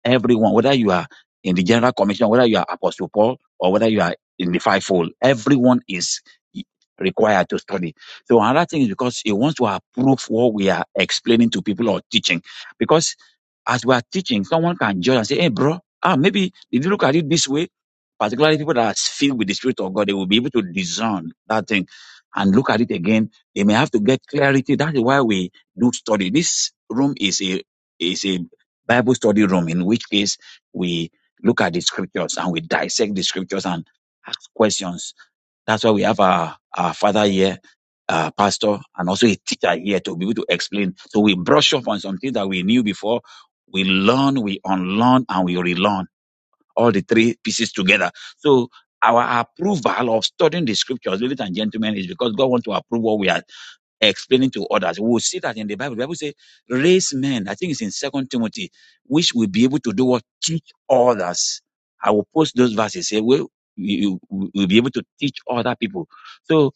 Everyone, whether you are in the General Commission, whether you are Apostle Paul, or whether you are in the fivefold, everyone is required to study. So another thing is because he wants to approve what we are explaining to people or teaching. Because as we are teaching, someone can judge and say, hey, bro, ah, maybe did you look at it this way? Particularly people that are filled with the Spirit of God, they will be able to discern that thing and look at it again, they may have to get clarity. That is why we do study. This room is a is a Bible study room, in which case we look at the scriptures and we dissect the scriptures and ask questions. That's why we have our, our father here, uh, pastor, and also a teacher here to be able to explain. So we brush up on something that we knew before. We learn, we unlearn, and we relearn all the three pieces together. So our approval of studying the scriptures, ladies and gentlemen, is because God wants to approve what we are explaining to others. We'll see that in the Bible. The Bible says, raise men. I think it's in Second Timothy, which will be able to do what? Teach others. I will post those verses. Say, well, you you will we'll be able to teach other people. So,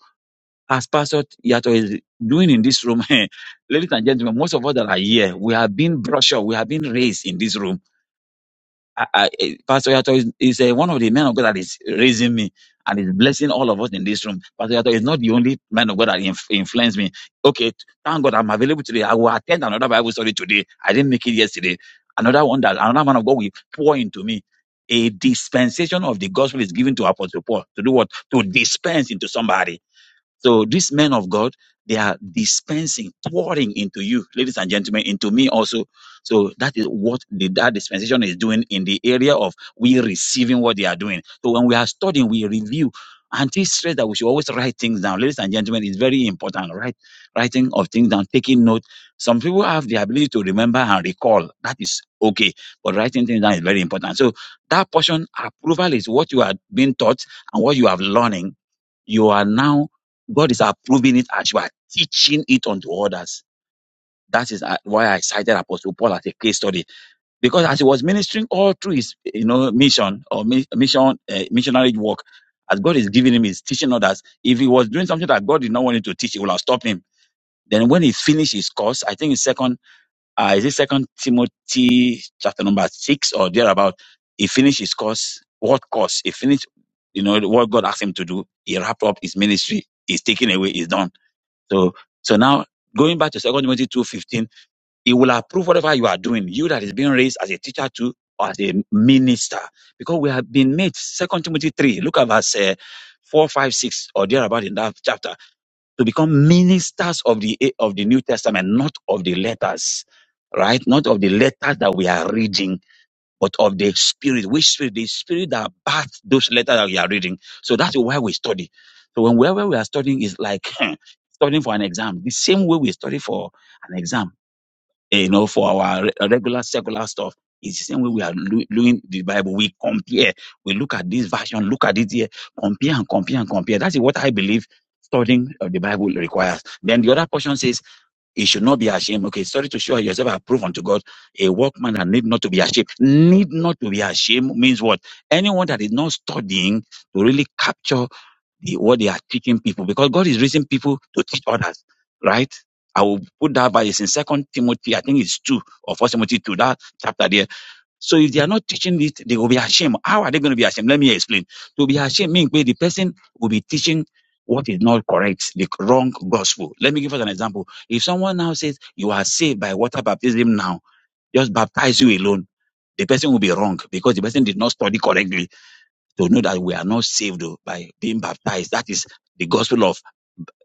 as Pastor Yato is doing in this room, <laughs> ladies and gentlemen, most of us that are here, we have been brushed up, we have been raised in this room I, I, eh, Pastor Yato is, is eh, one of the men of God that is raising me and is blessing all of us in this room. Pastor Yato is not the only man of God that inf- influenced me. Okay, thank God I'm available today. I will attend another Bible study today. I didn't make it yesterday. Another one that another man of God will pour into me. A dispensation of the gospel is given to Apostle Paul to do what? To dispense into somebody. So these men of God, they are dispensing, pouring into you, ladies and gentlemen, into me also. So that is what the, that dispensation is doing in the area of we receiving what they are doing. So when we are studying, we review. And this stress that we should always write things down, ladies and gentlemen, is very important. Right, writing of things down, taking note. Some people have the ability to remember and recall. That is okay, but writing things down is very important. So that portion approval is what you are being taught and what you have learning. You are now, God is approving it as you are teaching it unto others. That is uh, why I cited Apostle Paul as a case study because as he was ministering all through his, you know, mission or mi- mission, uh, missionary work, as God is giving him his teaching others, if he was doing something that God did not want him to teach, he would have stopped him. Then when he finished his course, I think it's second uh, is it Second Timothy chapter number six or thereabout? He finished his course. What course? He finished, you know, what God asked him to do. He wrapped up his ministry. He's taken away. He's done. So, so now going back to Second Timothy two fifteen, he will approve whatever you are doing. You that is being raised as a teacher too, or as a minister, because we have been made. Second Timothy three. Look at verse uh, four, five, six, or thereabout in that chapter to become ministers of the of the New Testament, not of the letters, right? Not of the letters that we are reading, but of the Spirit. Which Spirit? The Spirit that birthed those letters that we are reading. So that's why we study. So when wherever we are studying is like <laughs> <clears throat> studying for an exam. The same way we study for an exam you know, for our re- regular secular stuff. It's the same way we are lo- doing the Bible. We compare, we look at this version, look at it here, compare and compare and compare. That is what I believe studying of the Bible requires. Then the other portion says, it should not be ashamed. Okay, sorry to show yourself approved unto God, a workman that need not to be ashamed. Need not to be ashamed means what? Anyone that is not studying to really capture the, what they are teaching people because God is raising people to teach others, right? I will put that by this in Second Timothy, I think it's two or First Timothy two, that chapter there. So if they are not teaching it, they will be ashamed. How are they going to be ashamed? Let me explain. To be ashamed means where the person will be teaching what is not correct, the wrong gospel. Let me give us an example. If someone now says you are saved by water baptism now, just baptize you alone, the person will be wrong because the person did not study correctly to know that we are not saved oh, by being baptized. That is the gospel of,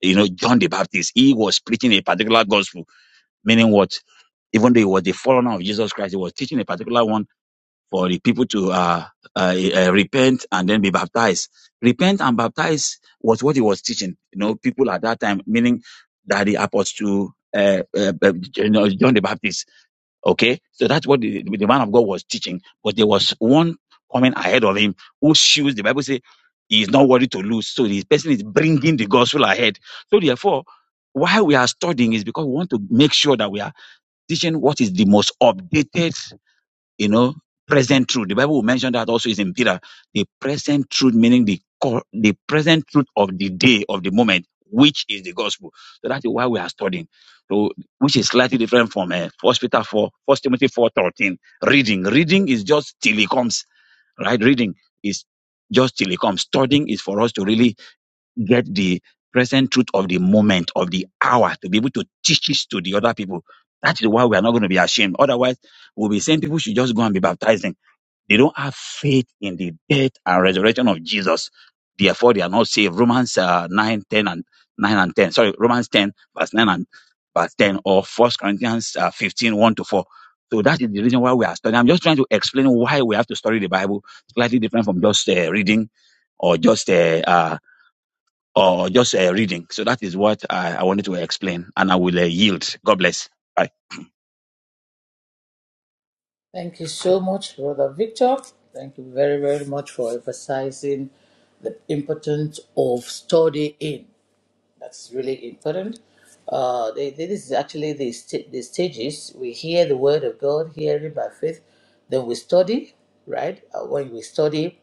you know, John the Baptist. He was preaching a particular gospel, meaning what? Even though he was the forerunner of Jesus Christ, he was teaching a particular one for the people to uh, uh, uh, repent and then be baptized. Repent and baptize was what he was teaching. You know, people at that time, meaning that the apostle, uh, uh, uh, you know, John the Baptist Okay, so that's what the, the man of God was teaching. But there was one coming ahead of him whose shoes the Bible says he is not worthy to lose. So this person is bringing the gospel ahead. So therefore, why we are studying is because we want to make sure that we are teaching what is the most updated you know, present truth. The Bible will mention that also is in Peter. The present truth, meaning the cor- the present truth of the day, of the moment, which is the gospel. So that is why we are studying. So, which is slightly different from uh, First Peter 4, First Timothy four thirteen. Reading. Reading is just till he comes, right? Reading is just till he comes. Studying is for us to really get the present truth of the moment, of the hour, to be able to teach it to the other people. That is why we are not going to be ashamed. Otherwise, we'll be saying people should just go and be baptizing. They don't have faith in the death and resurrection of Jesus. Therefore, they are not saved. Romans uh, 9, ten, and 9 and 10. Sorry, Romans 10, verse 9 and verse 10 or First Corinthians uh, 15, one to 4. So that is the reason why we are studying. I'm just trying to explain why we have to study the Bible slightly different from just uh, reading or just uh, uh, or just uh, reading. So that is what I, I wanted to explain, and I will uh, yield. God bless. Bye.
Thank you so much, Brother Victor. Thank you very, very much for emphasizing the importance of studying. That's really important. Uh, they, they- this is actually the, st- the stages. We hear the word of God, hear it by faith. Then we study, right? Uh, when we study,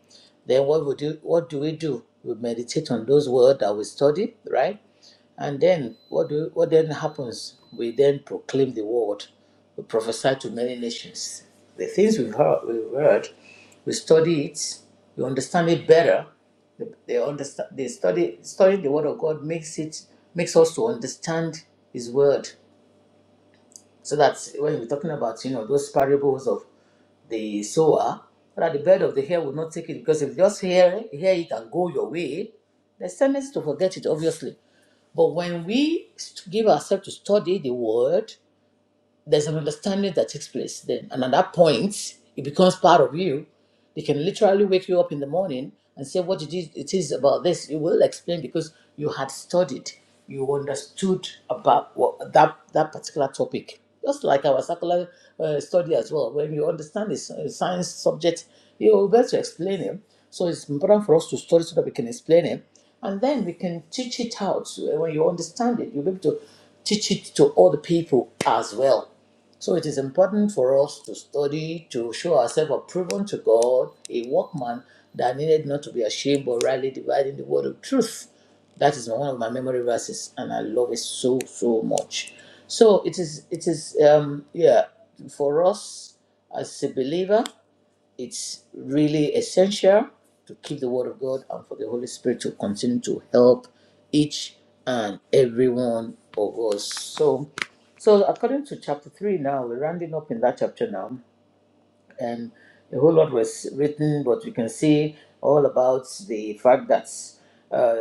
then what we do? What do we do? We meditate on those words that we study, right? And then what do what then happens? We then proclaim the word. We prophesy to many nations. The things we've heard, we've heard, we study it, we understand it better, they, they understand. They study studying the Word of God makes it makes us to understand His Word, so that when we're talking about you know those parables of the sower, that the bird of the hair will not take it because if you just hear hear it and go your way, there's tendency to forget it obviously. But when we st- give ourselves to study the Word, there's an understanding that takes place then. And at that point, it becomes part of you. They can literally wake you up in the morning and say, What it is, it is about this? You will explain because you had studied, you understood about what, that, that particular topic. Just like our circular uh, study as well, when you understand this uh, science subject, you will be able to explain it. So it's important for us to study so that we can explain it. And then we can teach it out. So When you understand it, you'll be able to teach it to all the people as well so it is important for us to study to show ourselves approved to God, a workman that needed not to be ashamed but rightly dividing the word of truth. That is one of my memory verses, and I love it so so much. So it is it is um yeah for us as a believer it's really essential to keep the Word of God and for the Holy Spirit to continue to help each and every one of us. So, so according to chapter three, now we're rounding up in that chapter now and a whole lot was written, but we can see all about the fact that uh,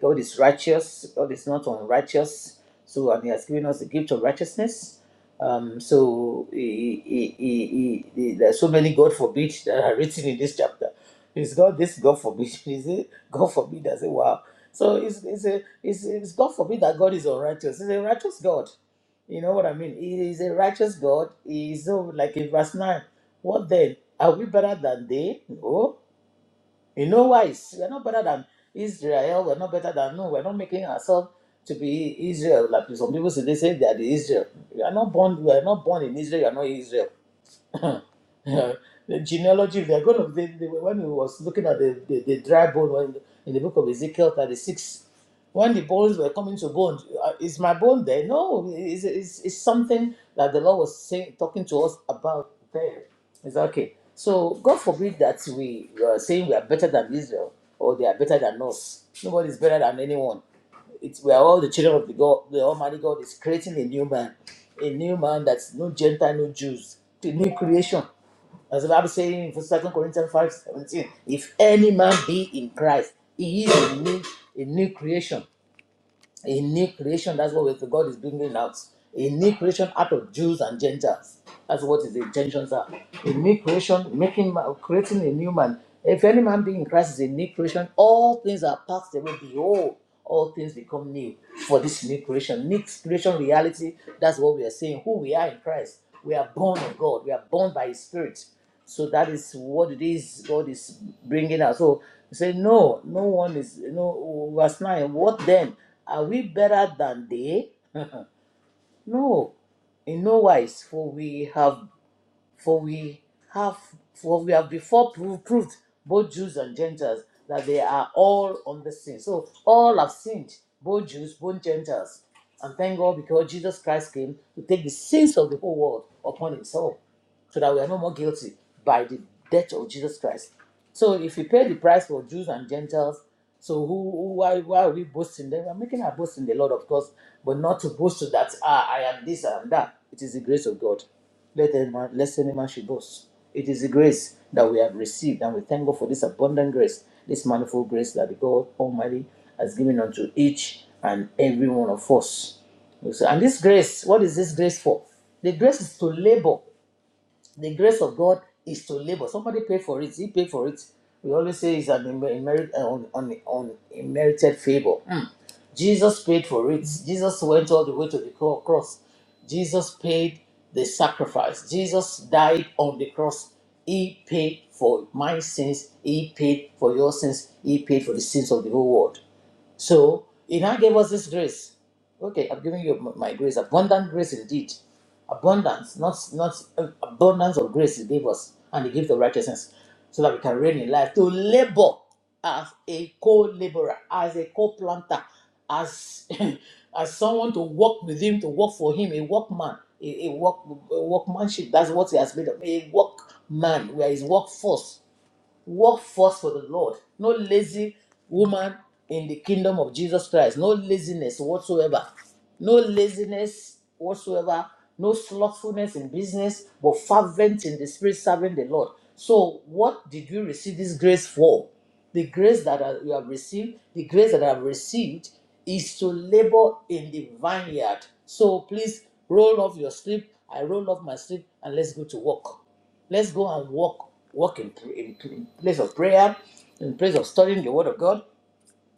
God is righteous, God is not unrighteous, so and He has given us the gift of righteousness. Um, so he, he, he, he, he- there's so many God forbid <laughs> that are written in this chapter. Is God this God forbid? <laughs> Is it God forbid? I say wow. So it's it's a it's, it's God forbid that God is unrighteous. He's a righteous God. You know what I mean? He is a righteous God. He is so like in verse 9. What then? Are we better than they? No. You know why? We're not better than Israel. We're not better than no. We're not making ourselves to be Israel. Like some people say, they say they are the Israel. You are not born. You are not born in Israel. You are not Israel. <laughs> the genealogy, if they're going to, they, they, when he was looking at the, the, the dry bone when, in the book of Ezekiel 36, when the bones were coming to bone, uh, is my bone there? No, it's, it's, it's something that the Lord was saying, talking to us about there. It's okay. So God forbid that we are saying we are better than Israel or they are better than us. Nobody is better than anyone it's we are all the children of the God, the Almighty God is creating a new man, a new man that's no Gentile, no Jews, a new creation. As the Bible says in Second Corinthians five seventeen, if any man be in Christ, he is a new, a new creation. A new creation, that's what God is bringing out. A new creation out of Jews and Gentiles. That's what his intentions are. A new creation, making ma- creating a new man. If any man be in Christ is a new creation, all things are passed away. Behold, all things become new for this new creation. New creation reality, that's what we are saying. Who we are in Christ. We are born of God. We are born by His Spirit. So that is what it is God is bringing us. So you say, no, no one is, you know, verse 9, what then? Are we better than they? No, in no wise, for we have, for we have, for we have before proved, proved both Jews and Gentiles, that they are all on the sin. So all have sinned, both Jews, both Gentiles. And thank God because Jesus Christ came to take the sins of the whole world upon himself so that we are no more guilty by the death of Jesus Christ. So if we pay the price for Jews and Gentiles, so who, who why why are we boasting? Then we are making our boast in the Lord, of course, but not to boast to that ah I am this I am that. It is the grace of God. Let any man lest any man should boast. It is the grace that we have received, and we thank God for this abundant grace, this manifold grace that the God Almighty has given unto each and every one of us. So- And this grace, what is this grace for? The grace is to labor the grace of God is to labor. Somebody paid for it. He paid for it. We always say it's an emer- emerit- uh, on, on, on merited favor. Mm. Jesus paid for it. Jesus went all the way to the cro- cross. Jesus paid the sacrifice. Jesus died on the cross. He paid for my sins. He paid for your sins. He paid for the sins of the whole world. So he now gave us this grace. Okay, I'm giving you my grace, abundant grace indeed. Abundance, not not uh, abundance of grace he gave us, and he gave the righteousness, so that we can reign in life to labor as a co-laborer, as a co-planter, as <laughs> as someone to work with him, to work for him, a workman, a, a work a workmanship. That's what he has made of a workman. We are his workforce Work first for the Lord. No lazy woman in the kingdom of Jesus Christ. No laziness whatsoever. No laziness whatsoever. No slothfulness in business, but fervent in the spirit, serving the Lord. So, what did you receive this grace for? The grace that I- you have received, the grace that I have received is to labor in the vineyard. So please roll off your sleep. I roll off my sleep and let's go to work. Let's go and walk, walk in, in, in place of prayer, in place of studying the Word of God,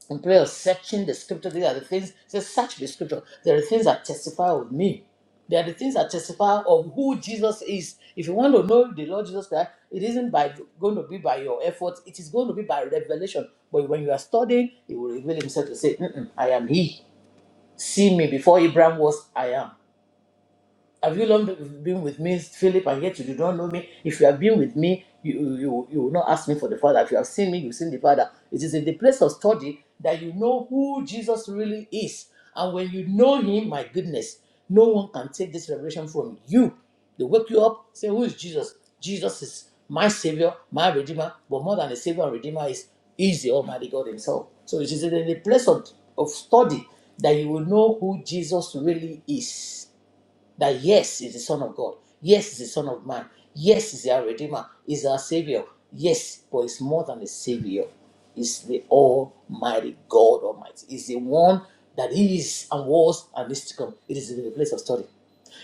in place of searching the Scripture. These are the things. Say, search the Scripture. There are the things that testify of me. There are the things that testify of who Jesus is. If you want to know the Lord Jesus Christ, it isn't by going to be by your efforts. It is going to be by revelation. But when you are studying, He will reveal Himself to say, "Mm-mm, "I am He. See me before Abraham was. I am." Have you long been with me, Philip, and yet you do not know me? If you have been with me, you, you, you will not ask me for the Father. If you have seen me, you've seen the Father. It is in the place of study that you know who Jesus really is. And when you know him, my goodness, no one can take this revelation from you. They wake you up, say, Who is Jesus? Jesus is my Savior, my Redeemer. But more than a Savior and Redeemer is, is the Almighty God Himself. So it is in the place of, of study that you will know who Jesus really is that yes is the son of god yes is the son of man yes is our redeemer is our savior yes but it's more than a savior It's the almighty god almighty It's the one that is and was and is to come it is in the place of study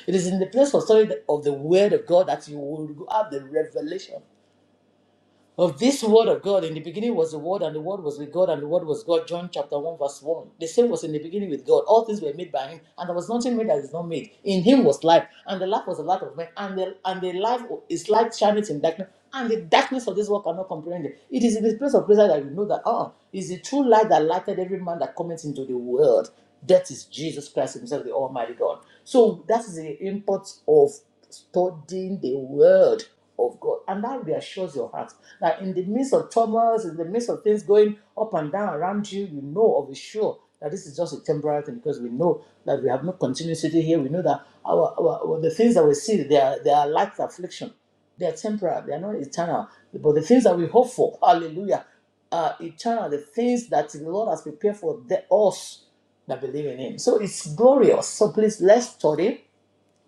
it is in the place of study of the word of god that you will have the revelation of this word of God. In the beginning was the word, and the word was with God, and the word was God. John chapter 1, verse 1. The same was in the beginning with God. All things were made by him, and there was nothing made that is not made. In him was life, and the life was the light of men, and the and the life is light shineth in darkness. And the darkness of this world cannot comprehend it. It is in this place of prayer that you know that ah, is the true light that lighted every man that cometh into the world. That is Jesus Christ Himself, the Almighty God. So that is the import of studying the word of God. And that reassures your heart that in the midst of turmoils, in the midst of things going up and down around you, you know of a sure that this is just a temporary thing because we know that we have no continuity here. We know that our, our, our- the things that we see, they are, they are light affliction. They are temporary. They are not eternal. But the things that we hope for, hallelujah, are eternal. The things that the Lord has prepared for the, us that believe in Him. So it's glorious. So please, let's study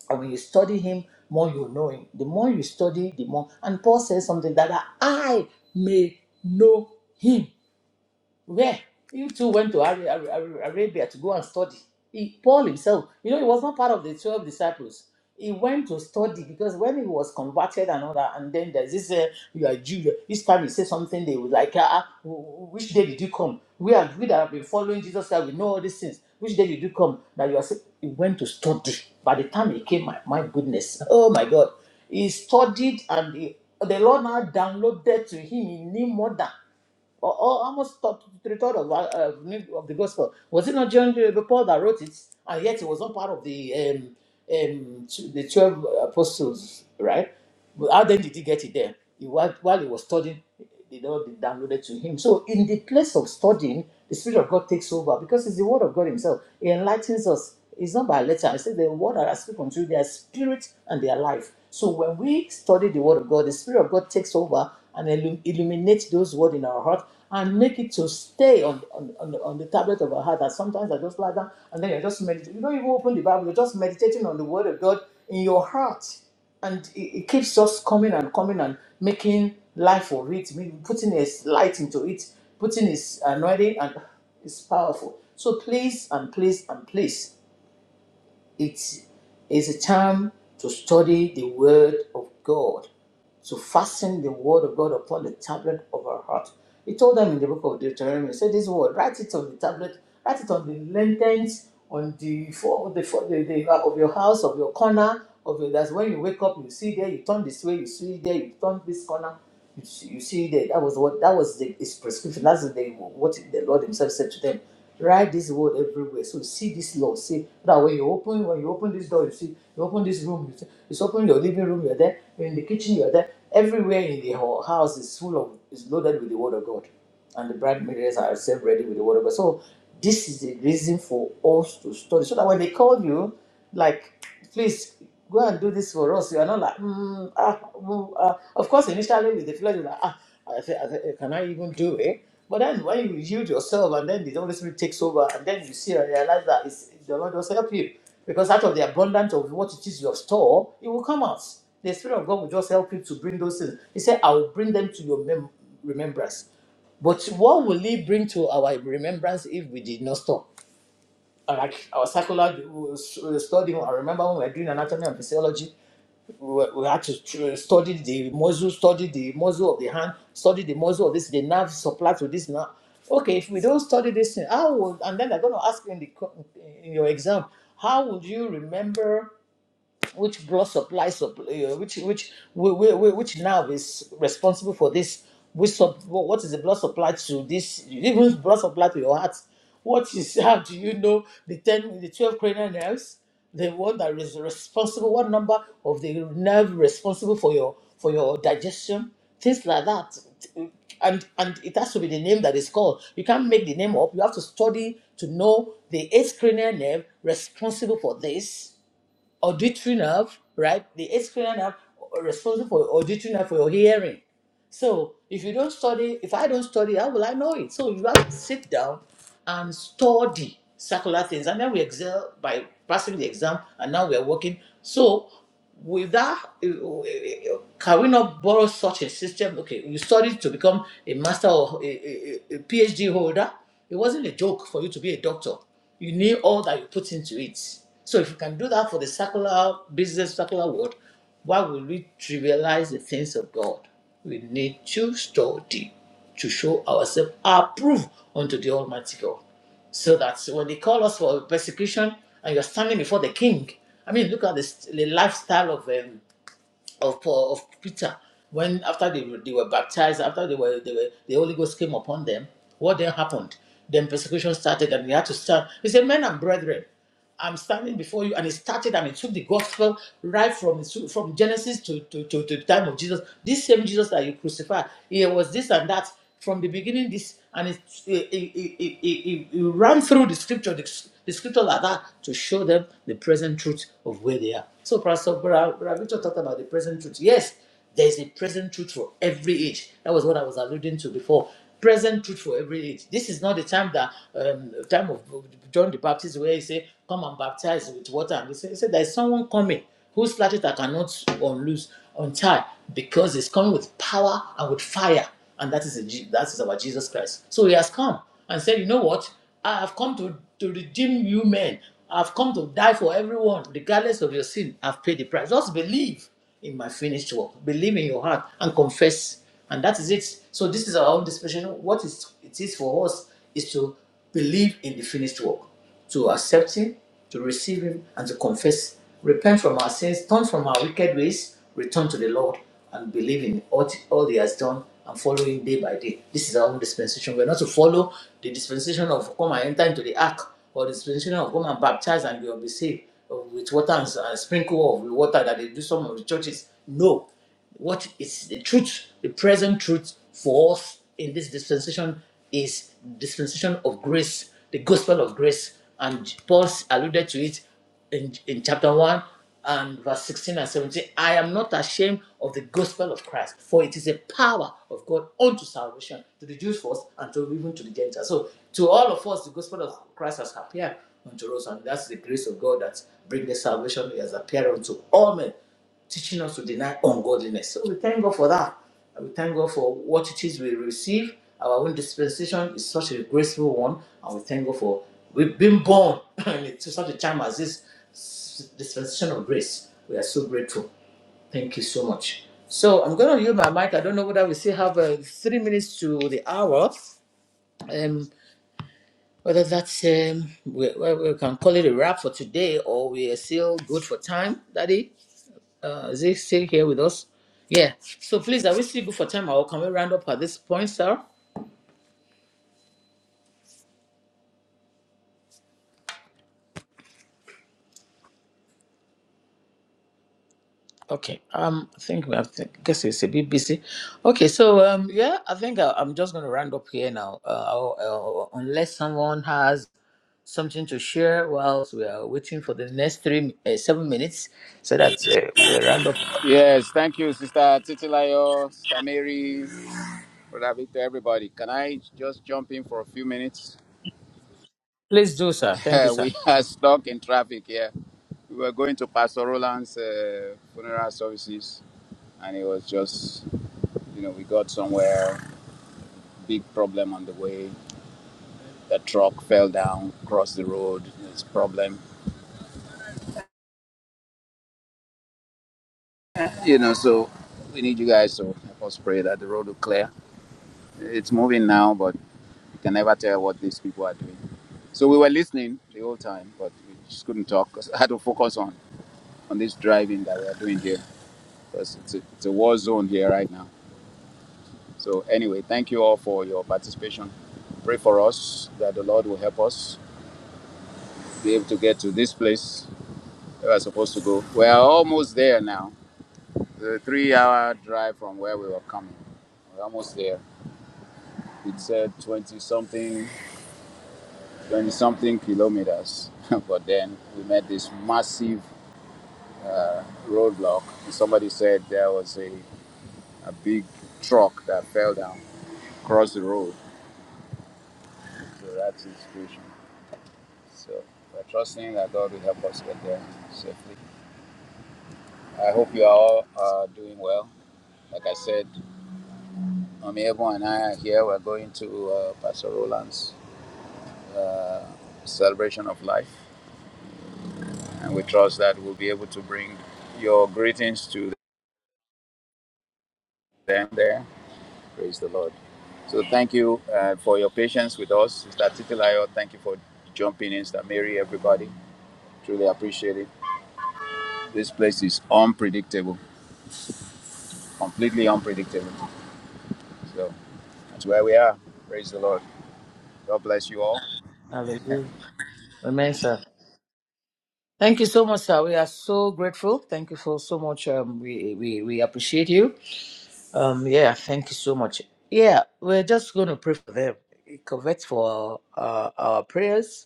and when you study him, more you know him. The more you study, the more. And Paul says something that I may know him where? You two went to Ara- Ara- Ara- Arabia to go and study. He, Paul himself, you know, he was not part of the 12 disciples. He went to study because when he was converted and all that, and then there's this, uh, you are Jew, each time he says something, they would like, ah, ah, which day did you come? We are we that have been following Jesus, Christ, we know all these things. Which day did you come? That you are saying, he went to study. By the time he came, my, my goodness, oh my God. He studied and he, the Lord now downloaded to him, he knew more than or, or almost thought three thirds of, uh, uh, of the gospel. Was it not John the Paul that wrote it? And yet it was not part of the um, um, the twelve apostles, right? But how then did he get it there? He, while, while he was studying, the Lord downloaded to him. So in the place of studying, the Spirit of God takes over because it's the Word of God Himself. He enlightens us because It's not by letter. I say the word that I speak unto their spirit and their life. So when we study the word of God, the spirit of God takes over and illum- illuminates those words in our heart and make it to stay on, on, on, the, on the tablet of our heart. That sometimes I just lie down and then you're just meditating. You don't even open the Bible, you're just meditating on the word of God in your heart and it, it keeps just coming and coming and making life for it, maybe putting his light into it, putting his anointing, and it's powerful. So please and please and please it is a time to study the Word of God, to fasten the Word of God upon the tablet of our heart. He told them in the book of Deuteronomy, he said this word, write it on the tablet, write it on the lanterns, on the for the, for the, the of your house, of your corner, of your that's when you wake up, you see there, you turn this way, you see there, you turn this corner. You see, you see that that was what that was the, his prescription. That's the, what the Lord Himself said to them. Write this word everywhere. So see this law. See that when you open when you open this door, you see you open this room. You see, it's open your living room. You're there. You're in the kitchen. You're there. Everywhere in the whole house is full of is loaded with the word of God and the bride maidens are self ready with the whatever. So this is the reason for us to study, so that when they call you, like, please go and do this for us. You are not like, mm, ah, mm, ah. of course, initially with the flesh, you're like, ah, I say, I say, can I even do it? But then when you yield yourself, and then the Holy Spirit takes over, and then you see and realize that it's, the Lord does help you, because out of the abundance of what it is you have stored, it will come out. The Spirit of God will just help you to bring those things. He said, I will bring them to your mem- remembrance. But what will it bring to our remembrance if we did not stop? Like our circular uh, study, I remember when we were doing anatomy and physiology, we, were- we had to uh, study the muscle, study the muscle of the hand, study the muscle of this, the nerve supply to this nerve. Okay, if we don't study this thing, how would, and then they're going to ask you in, the, in your exam, how would you remember which blood supply, supply uh, which which whi- whi- whi- which nerve is responsible for this? Which sub, wha- what is the blood supply to this? Even blood supply to your heart. What is <laughs> how do you know the ten, the twelve cranial nerves? The one that is responsible, what number of the nerve responsible for your for your digestion? Things like that, and and it has to be the name that is called. You can't make the name up. You have to study to know the eighth cranial nerve responsible for this auditory nerve, right? The auditory nerve responsible for auditory nerve for your hearing. So if you don't study, if I don't study, how will I know it? So you have to sit down and study circular things, and then we excel by passing the exam, and now we are working. So with that, eh, eh, eh, can we not borrow such a system? Okay, you studied to become a master or a, a, a a PhD holder. It wasn't a joke for you to be a doctor. You knew all that you put into it. So if you can do that for the circular business, circular world, why will we trivialize the things of God? We need to study to show ourselves approved unto the Almighty God. So that when they call us for persecution and you're standing before the king, I mean, look at this, the lifestyle of um, of Paul, of Peter. When after they, were- they were baptized, after they were, they were the Holy Ghost came upon them, what then happened? Then persecution started and they had to stand. He said, Men and brethren. I'm standing before you, and it started and it took the gospel right from from Genesis to, to, to, to the time of Jesus. This same Jesus that you crucified, it was this and that from the beginning. This and it it, it, it, it, it ran through the scripture, the, the scripture like that to show them the present truth of where they are. So Pastor Bra- Bra- Victor talked about the present truth. Yes, there's a present truth for every age. That was what I was alluding to before. Present truth for every age. This is not the time that um, time of John the Baptist where he said, "Come and baptize with water." And he said, he said, "There's someone coming whose latchet I cannot unloose, untie, because he's coming with power and with fire, and that is a, Je- that is our Jesus Christ." So he has come and said, "You know what? I have come to, to redeem you men. I've come to die for everyone, regardless of your sin. I've paid the price. Just believe in my finished work. Believe in your heart and confess. And that is it. So this is our own dispensation. What is it is for us is to believe in the finished work, to accept him, to receive him, and to confess. Repent from our sins, turn from our wicked ways, return to the Lord, and believe in all, all he has done and follow him day by day. This is our own dispensation. We're not to follow the dispensation of come and enter into the ark or the spiritual of come and baptize and you'll be saved uh, with water and s- sprinkle of the water that they do some of the churches. No. What is the truth, the present truth for us in this dispensation is dispensation of grace, the gospel of grace. And Paul alluded to it in, in chapter 1 and verse 16 and 17 i am not ashamed of the gospel of christ for it is a power of god unto salvation to the jews first and to even to the gentiles so to all of us the gospel of christ has appeared unto us and that's the grace of god that brings the salvation He has appeared unto all men teaching us to deny ungodliness. So we thank God for that. And we thank God for what it is we receive. Our own dispensation is such a graceful one. And we thank God for we've been born <laughs> <clears throat> to such a time as this s- dispensation of grace. We are so grateful. Thank you so much. So I'm going to use my mic. I don't know whether we still have uh, three minutes to the hour. Um, whether that's um, we, we we can call it a wrap for today or we are still good for time, Daddy. Uh, is he still here with us? Yeah. So please, are we still good for time or can we round up at this point, sir? Okay. Um, I think we have to, guess it's a bit busy. Okay. So, um, yeah, I think I, I'm just going to round up here now. Uh, I'll- uh, unless someone has something to share whilst we are waiting for the next three, uh, seven minutes so that uh, we round up.
Yes, thank you, Sister Titilayo, Sister Mary, Brother Victor, everybody. Can I just jump in for a few minutes?
Please do, sir.
<laughs>
Thank you, sir.
we are stuck in traffic here. We were going to Pastor Roland's uh, funeral services, and it was just, you know, we got somewhere, big problem on the way. The truck fell down, crossed the road, it's problem. You know, so we need you guys to help us pray that the road will clear. It's moving now, but you can never tell what these people are doing. So we were listening the whole time, but we just couldn't talk talk because I had to focus on on this driving that we are doing here because it's a, it's a war zone here right now. So anyway, thank you all for your participation. Pray for us that the Lord will help us be able to get to this place we are supposed to go. We are almost there now. The three-hour drive from where we were coming. We're almost there. It said 20 something, 20 something kilometers. <laughs> but then we met this massive uh, roadblock. Somebody said there was a, a big truck that fell down across the road. So that's the situation. So we're trusting that God will help us get there safely. I hope you are all uh, doing well. Like I said, Amiabo and I are here. We're going to uh, Pastor Roland's uh, celebration of life. And we trust that we'll be able to bring your greetings to them there Praise the Lord. So thank you uh, for your patience with us, Sister Titilayo. Thank you for jumping in, Sister Mary, everybody. Truly appreciate it. This place is unpredictable, completely unpredictable. So that's where we are. Praise the Lord. God bless you all.
Hallelujah. Amen, sir. Thank you so much, sir. We are so grateful. Thank you for so much. Um, we, we, we appreciate you. Um, yeah, thank you so much. Yeah, we're just going to pray for them. Covet for uh, our prayers.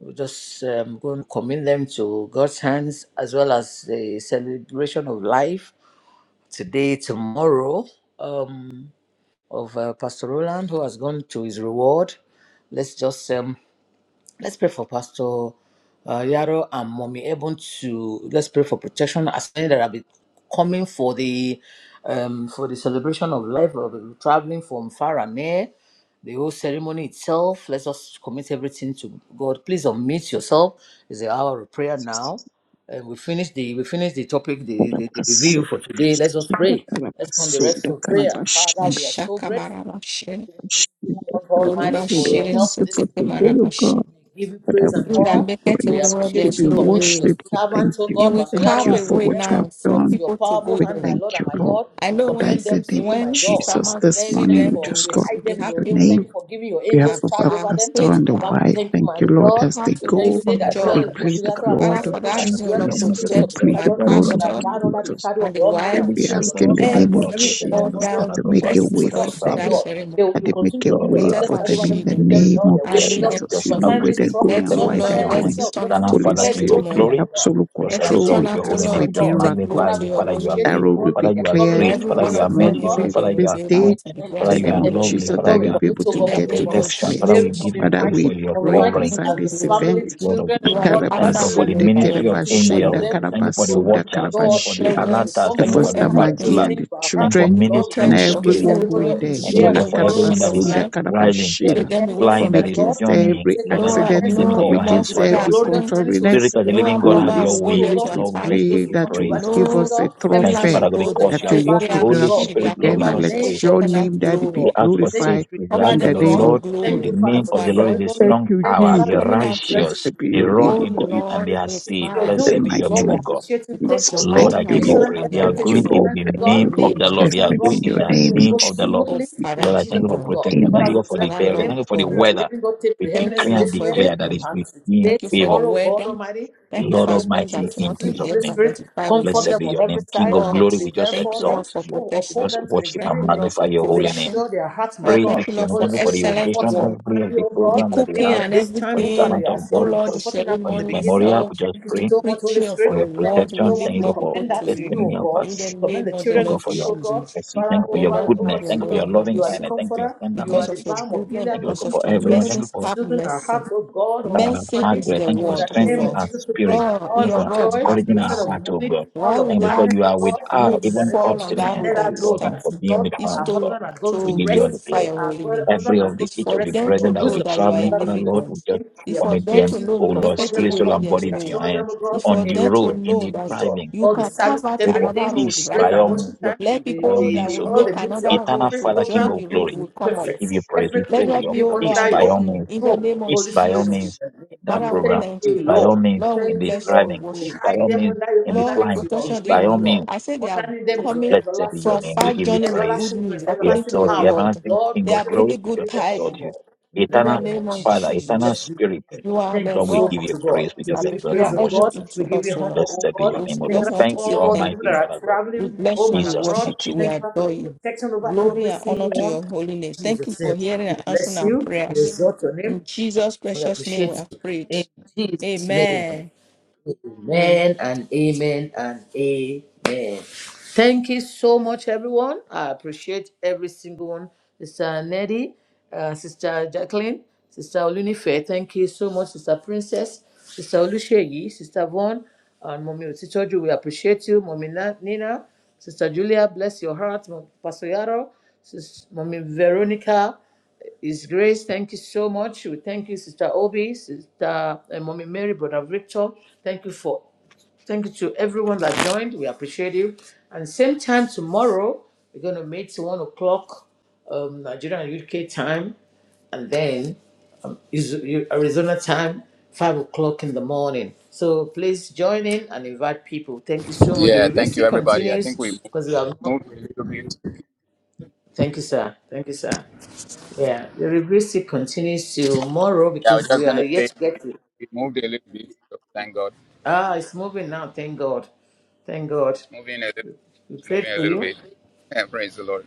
We're just um, going to commit them to God's hands as well as the celebration of life today, tomorrow, um, of uh, Pastor Roland, who has gone to his reward. Let's just um, Let's pray for Pastor uh, Yaro and Mommy Eben to let's pray for protection as many that have been coming for the um for the celebration of life of uh, traveling from far and near. The whole ceremony itself. Let's just commit everything to God. Please unmute yourself. It's the hour of prayer
Thank
now. And we finish the we finish the topic, the, the, the review for today. Let's just pray. Let's turn the rest to prayer. Father, we are so
Mashaka
grateful.
Marabashe.
Lord
Lord
Almighty, for
Bashir,
your help
you
this
for
Soteke
day.
today, O God,
Marabashe.
We give you
But I
praise
will
and
You
give
that
you
honor.
make it
We
away
praise.
where
appreciate
We
you.
give
there's
We
you
no
commit your
way.
worship. We thank
servant, oh
you.
You
God,
We
will
Pastor
thank
Yaro
carve
you
a
and
for
way
what you
Moniego,
now
have
for
into
done.
your
people to go
powerful
We
hand,
there.
my
thank
Lord and
you,
my
Lord.
God.
I
We
know
Father,
when
commend them
in the
to
name
you,
of
my
when
God.
Sister
Jesus,
Mark will
this
Let-
see
Thank
morning
you
we
them, they
for,
will
just
we
call
she'll
hide
be
them
to
in your
your
happy.
name.
name.
Thank you for giving your
On behalf
angels
Have
of our
charge
have
over them.
pastor
faith,
and the
Baba,
have
we
wife,
thank you,
thank you,
mighty
Lord,
God.
as they
heart
We
will
thank
live
you,
go.
they
for
that
Maria
dwell
We
joy.
in
plead
Pastor
the
Kabosika
and
Father,
blood
Pastor
Kazana.
of
for
Even
that
Stand
that
reason, O
dwell
straight.
in
Lord,
the
I'm gonna
Jesus.
secret
just
place
We
of the
protect
Most
exalt
plead
High
my
the
you.
God.
Daddy
They
blood
shall
of
gonna be
pastor
abide
you for
under the
Jesus.
shadow of
and
the
the
Almighty,
wife,
and
Holy
we
We
say of
Spirit,
the
ask
I
in
Lord,
just
the
you
wanna
are
name of
exalt
their
you
every
refuge
for
and
the
their
name
Jesus
of
fortress.
that
other
Father
you
God
In
make
for
you
a
they
action
person
for
way
that
for
going
trust,
for
my
them,
that
Father.
God.
ceremony.
They will,
that
you
they make
continue
a
to give
So
your
way
uh
angels
Protect
for
and
shadow
them
over
in
them
shield
to
the
keep
them
them in
name
all
of
their
yeah,
ways,
and
O
lead
I
God.
will
them
Jesus.
just
You
through.
know
out
Concerning
where
this
they're
trust, we
going
put
Let,
and
O
call
why
everything
to
to
they're
Lord,
the
your
going.
let
messenger
it
hands.
of
turn out
destiny
Eternal
to
to
be
Holy
Father,
clear the
King of
Spirit,
road for
take
them,
Glory.
testimony.
O God.
absolute
In
Just
Let
the
it
control.
name
turn
exalt
We
of
your
out, O
holy
ask
Jesus,
for
name.
O
a
Lord,
We
to
just
God.
take
miracle
glory
magnify
Father,
to
you.
we
your
Father, you
holy
are
appreciate
that
you,
name.
road
faithful.
will
God,
Father,
that
be
they
you
are
are
cleared
That
covering
great.
every
in
Father,
one
you
this
are
of
Jesus' name,
them,
morning,
O
God.
merciful.
Lord, they
Father,
will
you
this
are
be
day,
able
kind.
In
in
to be
the name of
there and
Father,
the
Jesus,
you
we
name
are
of
thank
celebrate
you.
with
lovely.
Jesus,
them.
Father,
that
Lord,
you
they'll
are
we
be
commit,
able
oh
to
In
God,
the
your
get
mommy,
to
name
mommy,
of
this
protection.
mommy,
place.
Father,
Mary,
we
Jesus.
give you
mommy
Father,
praise for
we
Maggie,
your
mommy
Oh,
pray
Maggie,
covering.
King
concerning
and
of
the
this
glory.
family,
The
the
event.
blood of
children,
You
oh
are
Jesus.
the
God,
Thank you,
Alpha
God,
and
for
grandchildren,
the
Omega,
Makarabasude
you are
every
ministry of
single one of
kerabashenda
angels.
omnipotent.
them
Thank
in
you for the
your hand,
karabasuda
my
watchers. Thank you
God.
for the
that
karabashila.
You'll be
Presence,
alerters.
And
you
Thank you
know
for the
comforting
Foster
her, you'll be
Maggie
patrollers.
everything.
and
staying
the
by her.
Thank you for
children,
You
Lord, we
and
ministering
protect
commit
your
this
spirit.
everyone
ceremony
going
of
children. You
there,
Thank you,
today
shield
Lord
and
Ula
God,
them
for
with a
tomorrow in
everyone
shield
that
of
your
is
Karabasunda
hand
life.
that you will
riding, that
take
is
Take
Karabashila.
the
them away
heaviness,
flying,
Come
from
my
that is
evil.
Lord.
against
You will
journeying.
every
take
Lord,
the
I
No,
accident,
commit
heaviness,
we
them
of
into
no
come
God.
your
more
hands,
against
It
O
further
will be
God.
every
glorious.
accident.
Many souls will
contrariness
Spirit
give
of the
their
No
living
armed
God,
heart to
have
robber
Holy
your
will go
you,
way.
O
there
Spirit,
to
God.
we
Lord, we
attack
Many
just give
souls
pray
will
you
come
that
to
you will
praise.
give
righteousness, O
No
us a
God.
Thank you,
Everything
killers
will
trophy,
be
will
Father God,
go
glorious,
because
there.
you
that
my
are
you
They,
work
Father,
they
faithful.
a
are
my
Holy
God.
miracle
she. They
for
Spirit,
are
Lord,
In
we
them,
covered
and
the
just
with
let
your
name
pray.
your
of
Shekinah
name,
Jesus, O
Daddy,
We
be
God.
glory.
ask for
Thank you,
glorified
safety. We ask
Cover
in
them
preeminence,
that
the
O
the
with
God.
name
your
of
Lord,
Thank
the
you,
glory,
Jesus.
Father,
name
with
for
of
your
the
this
Lord is a
ceremony.
Thank
anointing.
strong
you,
Thank you,
They
power.
are
Father,
The
Jesus.
for
coming out with,
righteous,
this
Blessed be
they
your
run
name,
oh
O
into
God,
it and
Lord,
they
it's
are
it's
saved.
your
refined
in the
Blessed
doing.
be your
unto
Lord,
name,
mighty
we
O
you,
name
God.
appreciate you.
of
Take
because your
Jesus.
control.
Lord,
Thank
mighty
I
you,
hand
We
give you
is
Lord.
hand
praise.
upon
They
their
are
Thank
everything to
you,
going
lives.
your
in
Lord.
hands,
the
oh
Thank
In the
God.
you,
name of
Lord.
name
In
the
of
Lord.
Jesus'
Blessed
They
the
name,
are
oh
Lord
God,
be
going in
your
the
Jesus.
everything
name
will
in
name
go
of the Lord.
Oh,
Jesus.
smoothly.
name.
Father,
In
Lord, I thank
Lord
Jesus'
you for
name, oh
God.
God.
protection. Thank
Amen.
Father,
you
we
Lord, for
bless
the
Father,
day.
your
Thank
Lord
name.
you for the
God.
Spirit of
weather.
living God, take
We
Thank
preeminence
decree
you,
in
Lord,
and
this
for
meeting.
declare that
everything.
it's
And
with you in
today,
Thank you for
favor.
the
tomorrow, God
weather.
Almighty, in
Thank you
the
Lord
for
name
us
of
men
Almighty,
that
Jesus,
in
want to be
Jesus'
there
Holy
to
name.
Spirit,
identify with
comfort
them.
Blessed
them
be
on
your
every
name. King of
side
Lord,
glory,
be
we
there
just
thank
for
you,
exalt
them.
Lord, for
you.
Oh,
We
uphold
protection.
just
them to the
worship
Thank
very
and
you, Lord,
end.
magnify
for
your holy name.
provision.
Reassure their hearts, my
Lord,
Praise
thank
be
God.
to
you,
your
Lord,
name.
for
Holy
Thank you for the
Spirit,
excellent
comfort
occasion,
work.
Mama
every of
Maggie,
the
oh
The
God.
programs that you
cooking
Even
have
in
and
this
for
time,
the
oh God,
everything.
servant
you
of
Oh,
have
God,
been
Lord,
for
the
comforting her
for
from
his
the
ceremony
beginning.
memorial. We
itself,
just
Thank you
the
pray
so much, Holy
preaching of
for
your
Spirit.
your
Thank you
word will
so
protection. Thank
lead
much.
you,
We
more
God, for
people
commend
to
that to you,
you.
oh
destiny of
God.
In
us.
the
We commend
name
the
of the
Oh
children
God,
Lord
to
for
you,
your
oh God.
Jesus.
mercy. Thank
Father,
you for
Oh,
your
Lord,
over, over
have
goodness.
your
to
Thank you for
way
you.
your
and have
loving
You
your
are the
kindness.
sin.
Thank you for your
comforter.
tender
You are
Because
the
of
mercy.
your
balm of
goodness,
Gilead.
Thank you, Lord
because
God,
of
Continue to
for
your
everyone.
soothe,
Thank you
mercies,
for
have
soothe our
mercy.
hearts, oh God, oh
uh,
Mercy is
Almighty.
Margaret.
the
Thank you
In
for
the
word, oh
name
strengthening
of
Lord.
our
Jesus, O God,
spirit,
Lord,
all
you
in
know,
of
your
for
word,
joy
have
encouraging our
instead of
mercy.
heart, oh
mourning,
God.
all
Why
of
Thank you
without
because
gladness,
you
O
are with
God.
her
would
In the
even
name
up
of
fall
to
on
Jesus,
the
that
end
let
road
of
at
her
the
this
know
world and
time
that,
for
the
being
Lord,
with her,
is
oh
our
to,
God.
husband has gone
We
to
to
give you all the
rest.
glorify
glory.
your
Our
holy
God,
name.
husband
Every
has
of
gone
the
It's
each
to
for
of the
rest in
them to
your
brethren that will
know
be
bosom.
that you are a
traveling
Father,
for
we
the
living
bless
Lord,
God.
we
your
just
name. We
It's for
commit
them
them,
appreciate
to
you.
know
oh
you make
Lord,
Comfort
it a
them,
spirit,
O
way
soul,
when
God.
and
there is
We
body
no
to your
way.
assure
hand.
them, O God,
It's for
On
in
the
them
the
to
name
road,
of
in
know
Jesus.
the
that
to God.
driving,
you
All the
can carve
services,
out
pray for
another
everything, the
road
peace
right
praise
by
and
all
now.
means,
worship
your
time,
Let
peace
the,
by all
people
the,
that
means,
the
will
oh
all
make
God.
the music,
another
all
Eternal
road
every
to
Father, King
join
program,
of
the
it
road
glory,
will be
will come
we
up.
perfect.
give you praise. We
Everything
Let
pray for
there
will
your
be,
be
O Lord,
peace
under
an
by
your
all means.
opening in the
control.
name of
Peace
Holy
by all
Spirit, in
Jesus.
means
the name
in
of
that
Father,
you.
we
program.
Thank
thank
Peace
you,
you.
by all
Lord.
means
Lord,
in
we
Thank
the
you,
bless you, we
Lord.
driving.
We
Peace
worship
by
hide
you.
all
them
means
under your
in the
Lord, in
underneath
flying.
your
Peace
protection they
by
will
wing, O
all
live.
God.
means.
I say they are
Underneath them is your
coming
Blessed be your
for a
everlasting,
name. We
far
grace,
give you
journey with
praise.
good
everlasting
news,
grace,
We
according to
everlasting
exalt
your
you,
power.
word.
everlasting
Lord,
King
They
of
are
Jesus, we
glory.
bringing
We
good
just
lift them up, O
exalt
tidings
you.
God. In
in
the
the
Eternal
name
name
of
of
Father,
Jesus.
eternal
Jesus.
Bless you, your
Spirit,
name.
You are
Thank
the
you
Lord, we
so
give
rock.
much,
you
O God.
praise. We
We
just
and
give you
exalt
You
praise,
are
and
O
worship
God.
you.
everything
We
to
give you
us, O
honor,
Lord.
Blessed
O
be your
We
God.
name, O
Thank
Lord.
you
just
for
want to
Thank you,
say
all the
thank
people
Almighty
that
you.
are
Father God.
We
traveling
bless
home
you,
and
we
Jesus,
abroad.
worship
mighty
you,
name.
we
Thank you for
adore
your
you.
protection over
Glory
every
and honor
single
to
one.
your holy name.
In
Thank you
Jesus'
for
name.
hearing
We
and answering
bless
our
you. We
prayers.
exalt your
In
name.
Jesus'
We
precious name we
appreciate
have
you.
prayed.
In Jesus' name.
Amen.
Amen and amen and amen. Thank you so much, everyone. I appreciate every single one. Sister Neddy, uh, Sister Jacqueline, Sister Olunife, thank you so much, Sister Princess, Sister Olusheyi, Sister Vaughn, and Mommy Otitoju. We appreciate you, Mommy Na- Nina, Sister Julia, bless your heart, Mom- Pastor Yaro, Sis- Mommy Veronica, his Grace, thank you so much. We thank you, Sister Obi, Sister uh, Mommy Mary, Brother Victor. Thank you for thank you to everyone that joined. We appreciate you. And same time tomorrow, we're gonna meet one o'clock um, Nigerian UK time, and then um, is- Arizona time, five o'clock in the morning. So please join in and invite people. Thank you so much. The
Yeah, thank you,
review
everybody. I
continues
think we
because we have.
moved a little bit.
Thank you, sir. Thank you, sir. Yeah, the review still continues tomorrow
Yeah, I was
because
just
we
going
are
to
yet
say
to
we,
get it.
we moved a little bit. So thank God.
Ah, it's moving now. Thank God. Thank God.
It's moving a little,
We prayed
moving a
for
little
you.
bit. <laughs> Yeah, praise the Lord.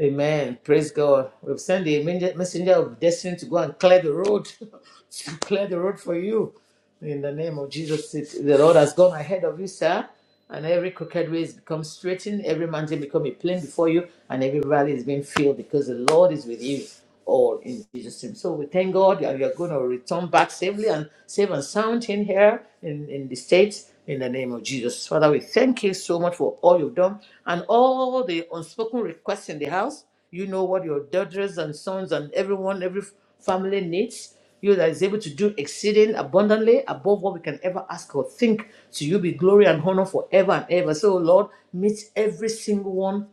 Amen. Praise God. We've sent the messenger of destiny to go and clear the road, <laughs> to clear the road for you. In the name of Jesus, it- the Lord has gone ahead of you, sir. And every crooked way has become straightened, every mountain become a plain before you, and every valley is being filled because the Lord is with you all in Jesus' name. So we thank God and you're going to return back safely and safe and sound in here in, in the States in the name of Jesus. Father, we thank you so much for all you've done and all the unspoken requests in the house. You know what your daughters and sons and everyone, every family needs. You that is able to do exceeding abundantly above what we can ever ask or think. To you be glory and honor forever and ever. So, Lord, meet every single one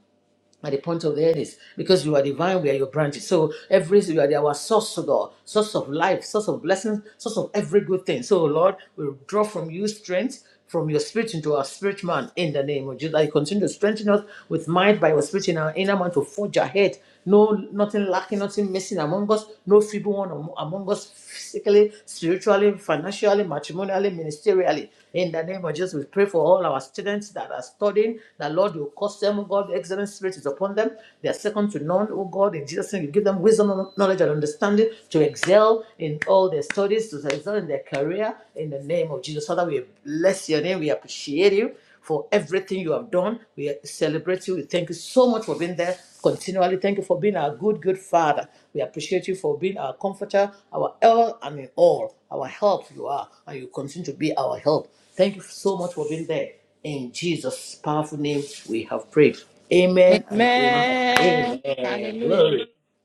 at the point of the earnest because you are divine, we are your branches. So, every you are our source, O God, source of life, source of blessings, source of every good thing. So, Lord, we draw from you strength from your spirit into our spirit man in the name of Jesus. I continue to strengthen us with might by your spirit in our inner man to forge ahead no nothing lacking, nothing missing among us, no feeble one am- among us physically, spiritually, financially, matrimonially, ministerially. In the name of Jesus, we pray for all our students that are studying, that Lord, you cause them, oh God, the excellent spirit is upon them. They are second to none, oh God, in Jesus' name, you give them wisdom, knowledge, and understanding to excel in all their studies, to excel in their career, in the name of Jesus. Father, we bless your name, we appreciate you for everything you have done. We celebrate you. We thank you so much for being there continually. Thank you for being our good, good Father. We appreciate you for being our comforter, our all and in all, our help you are, and you continue to be our help. Thank you so much for being there. In Jesus' powerful name, we have prayed. Amen and amen. and
Amen.
Amen.
Hallelujah.
Glory.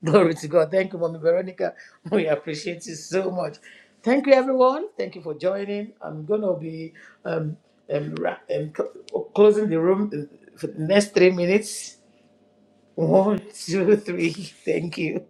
<laughs> Glory to God. Thank you, Mommy Veronica. <laughs> We appreciate you so much. Thank you, everyone. Thank you for joining. I'm going to be um, um, ra- um, cl- closing the room uh, for the next three minutes. <laughs> One, two, three. Thank you.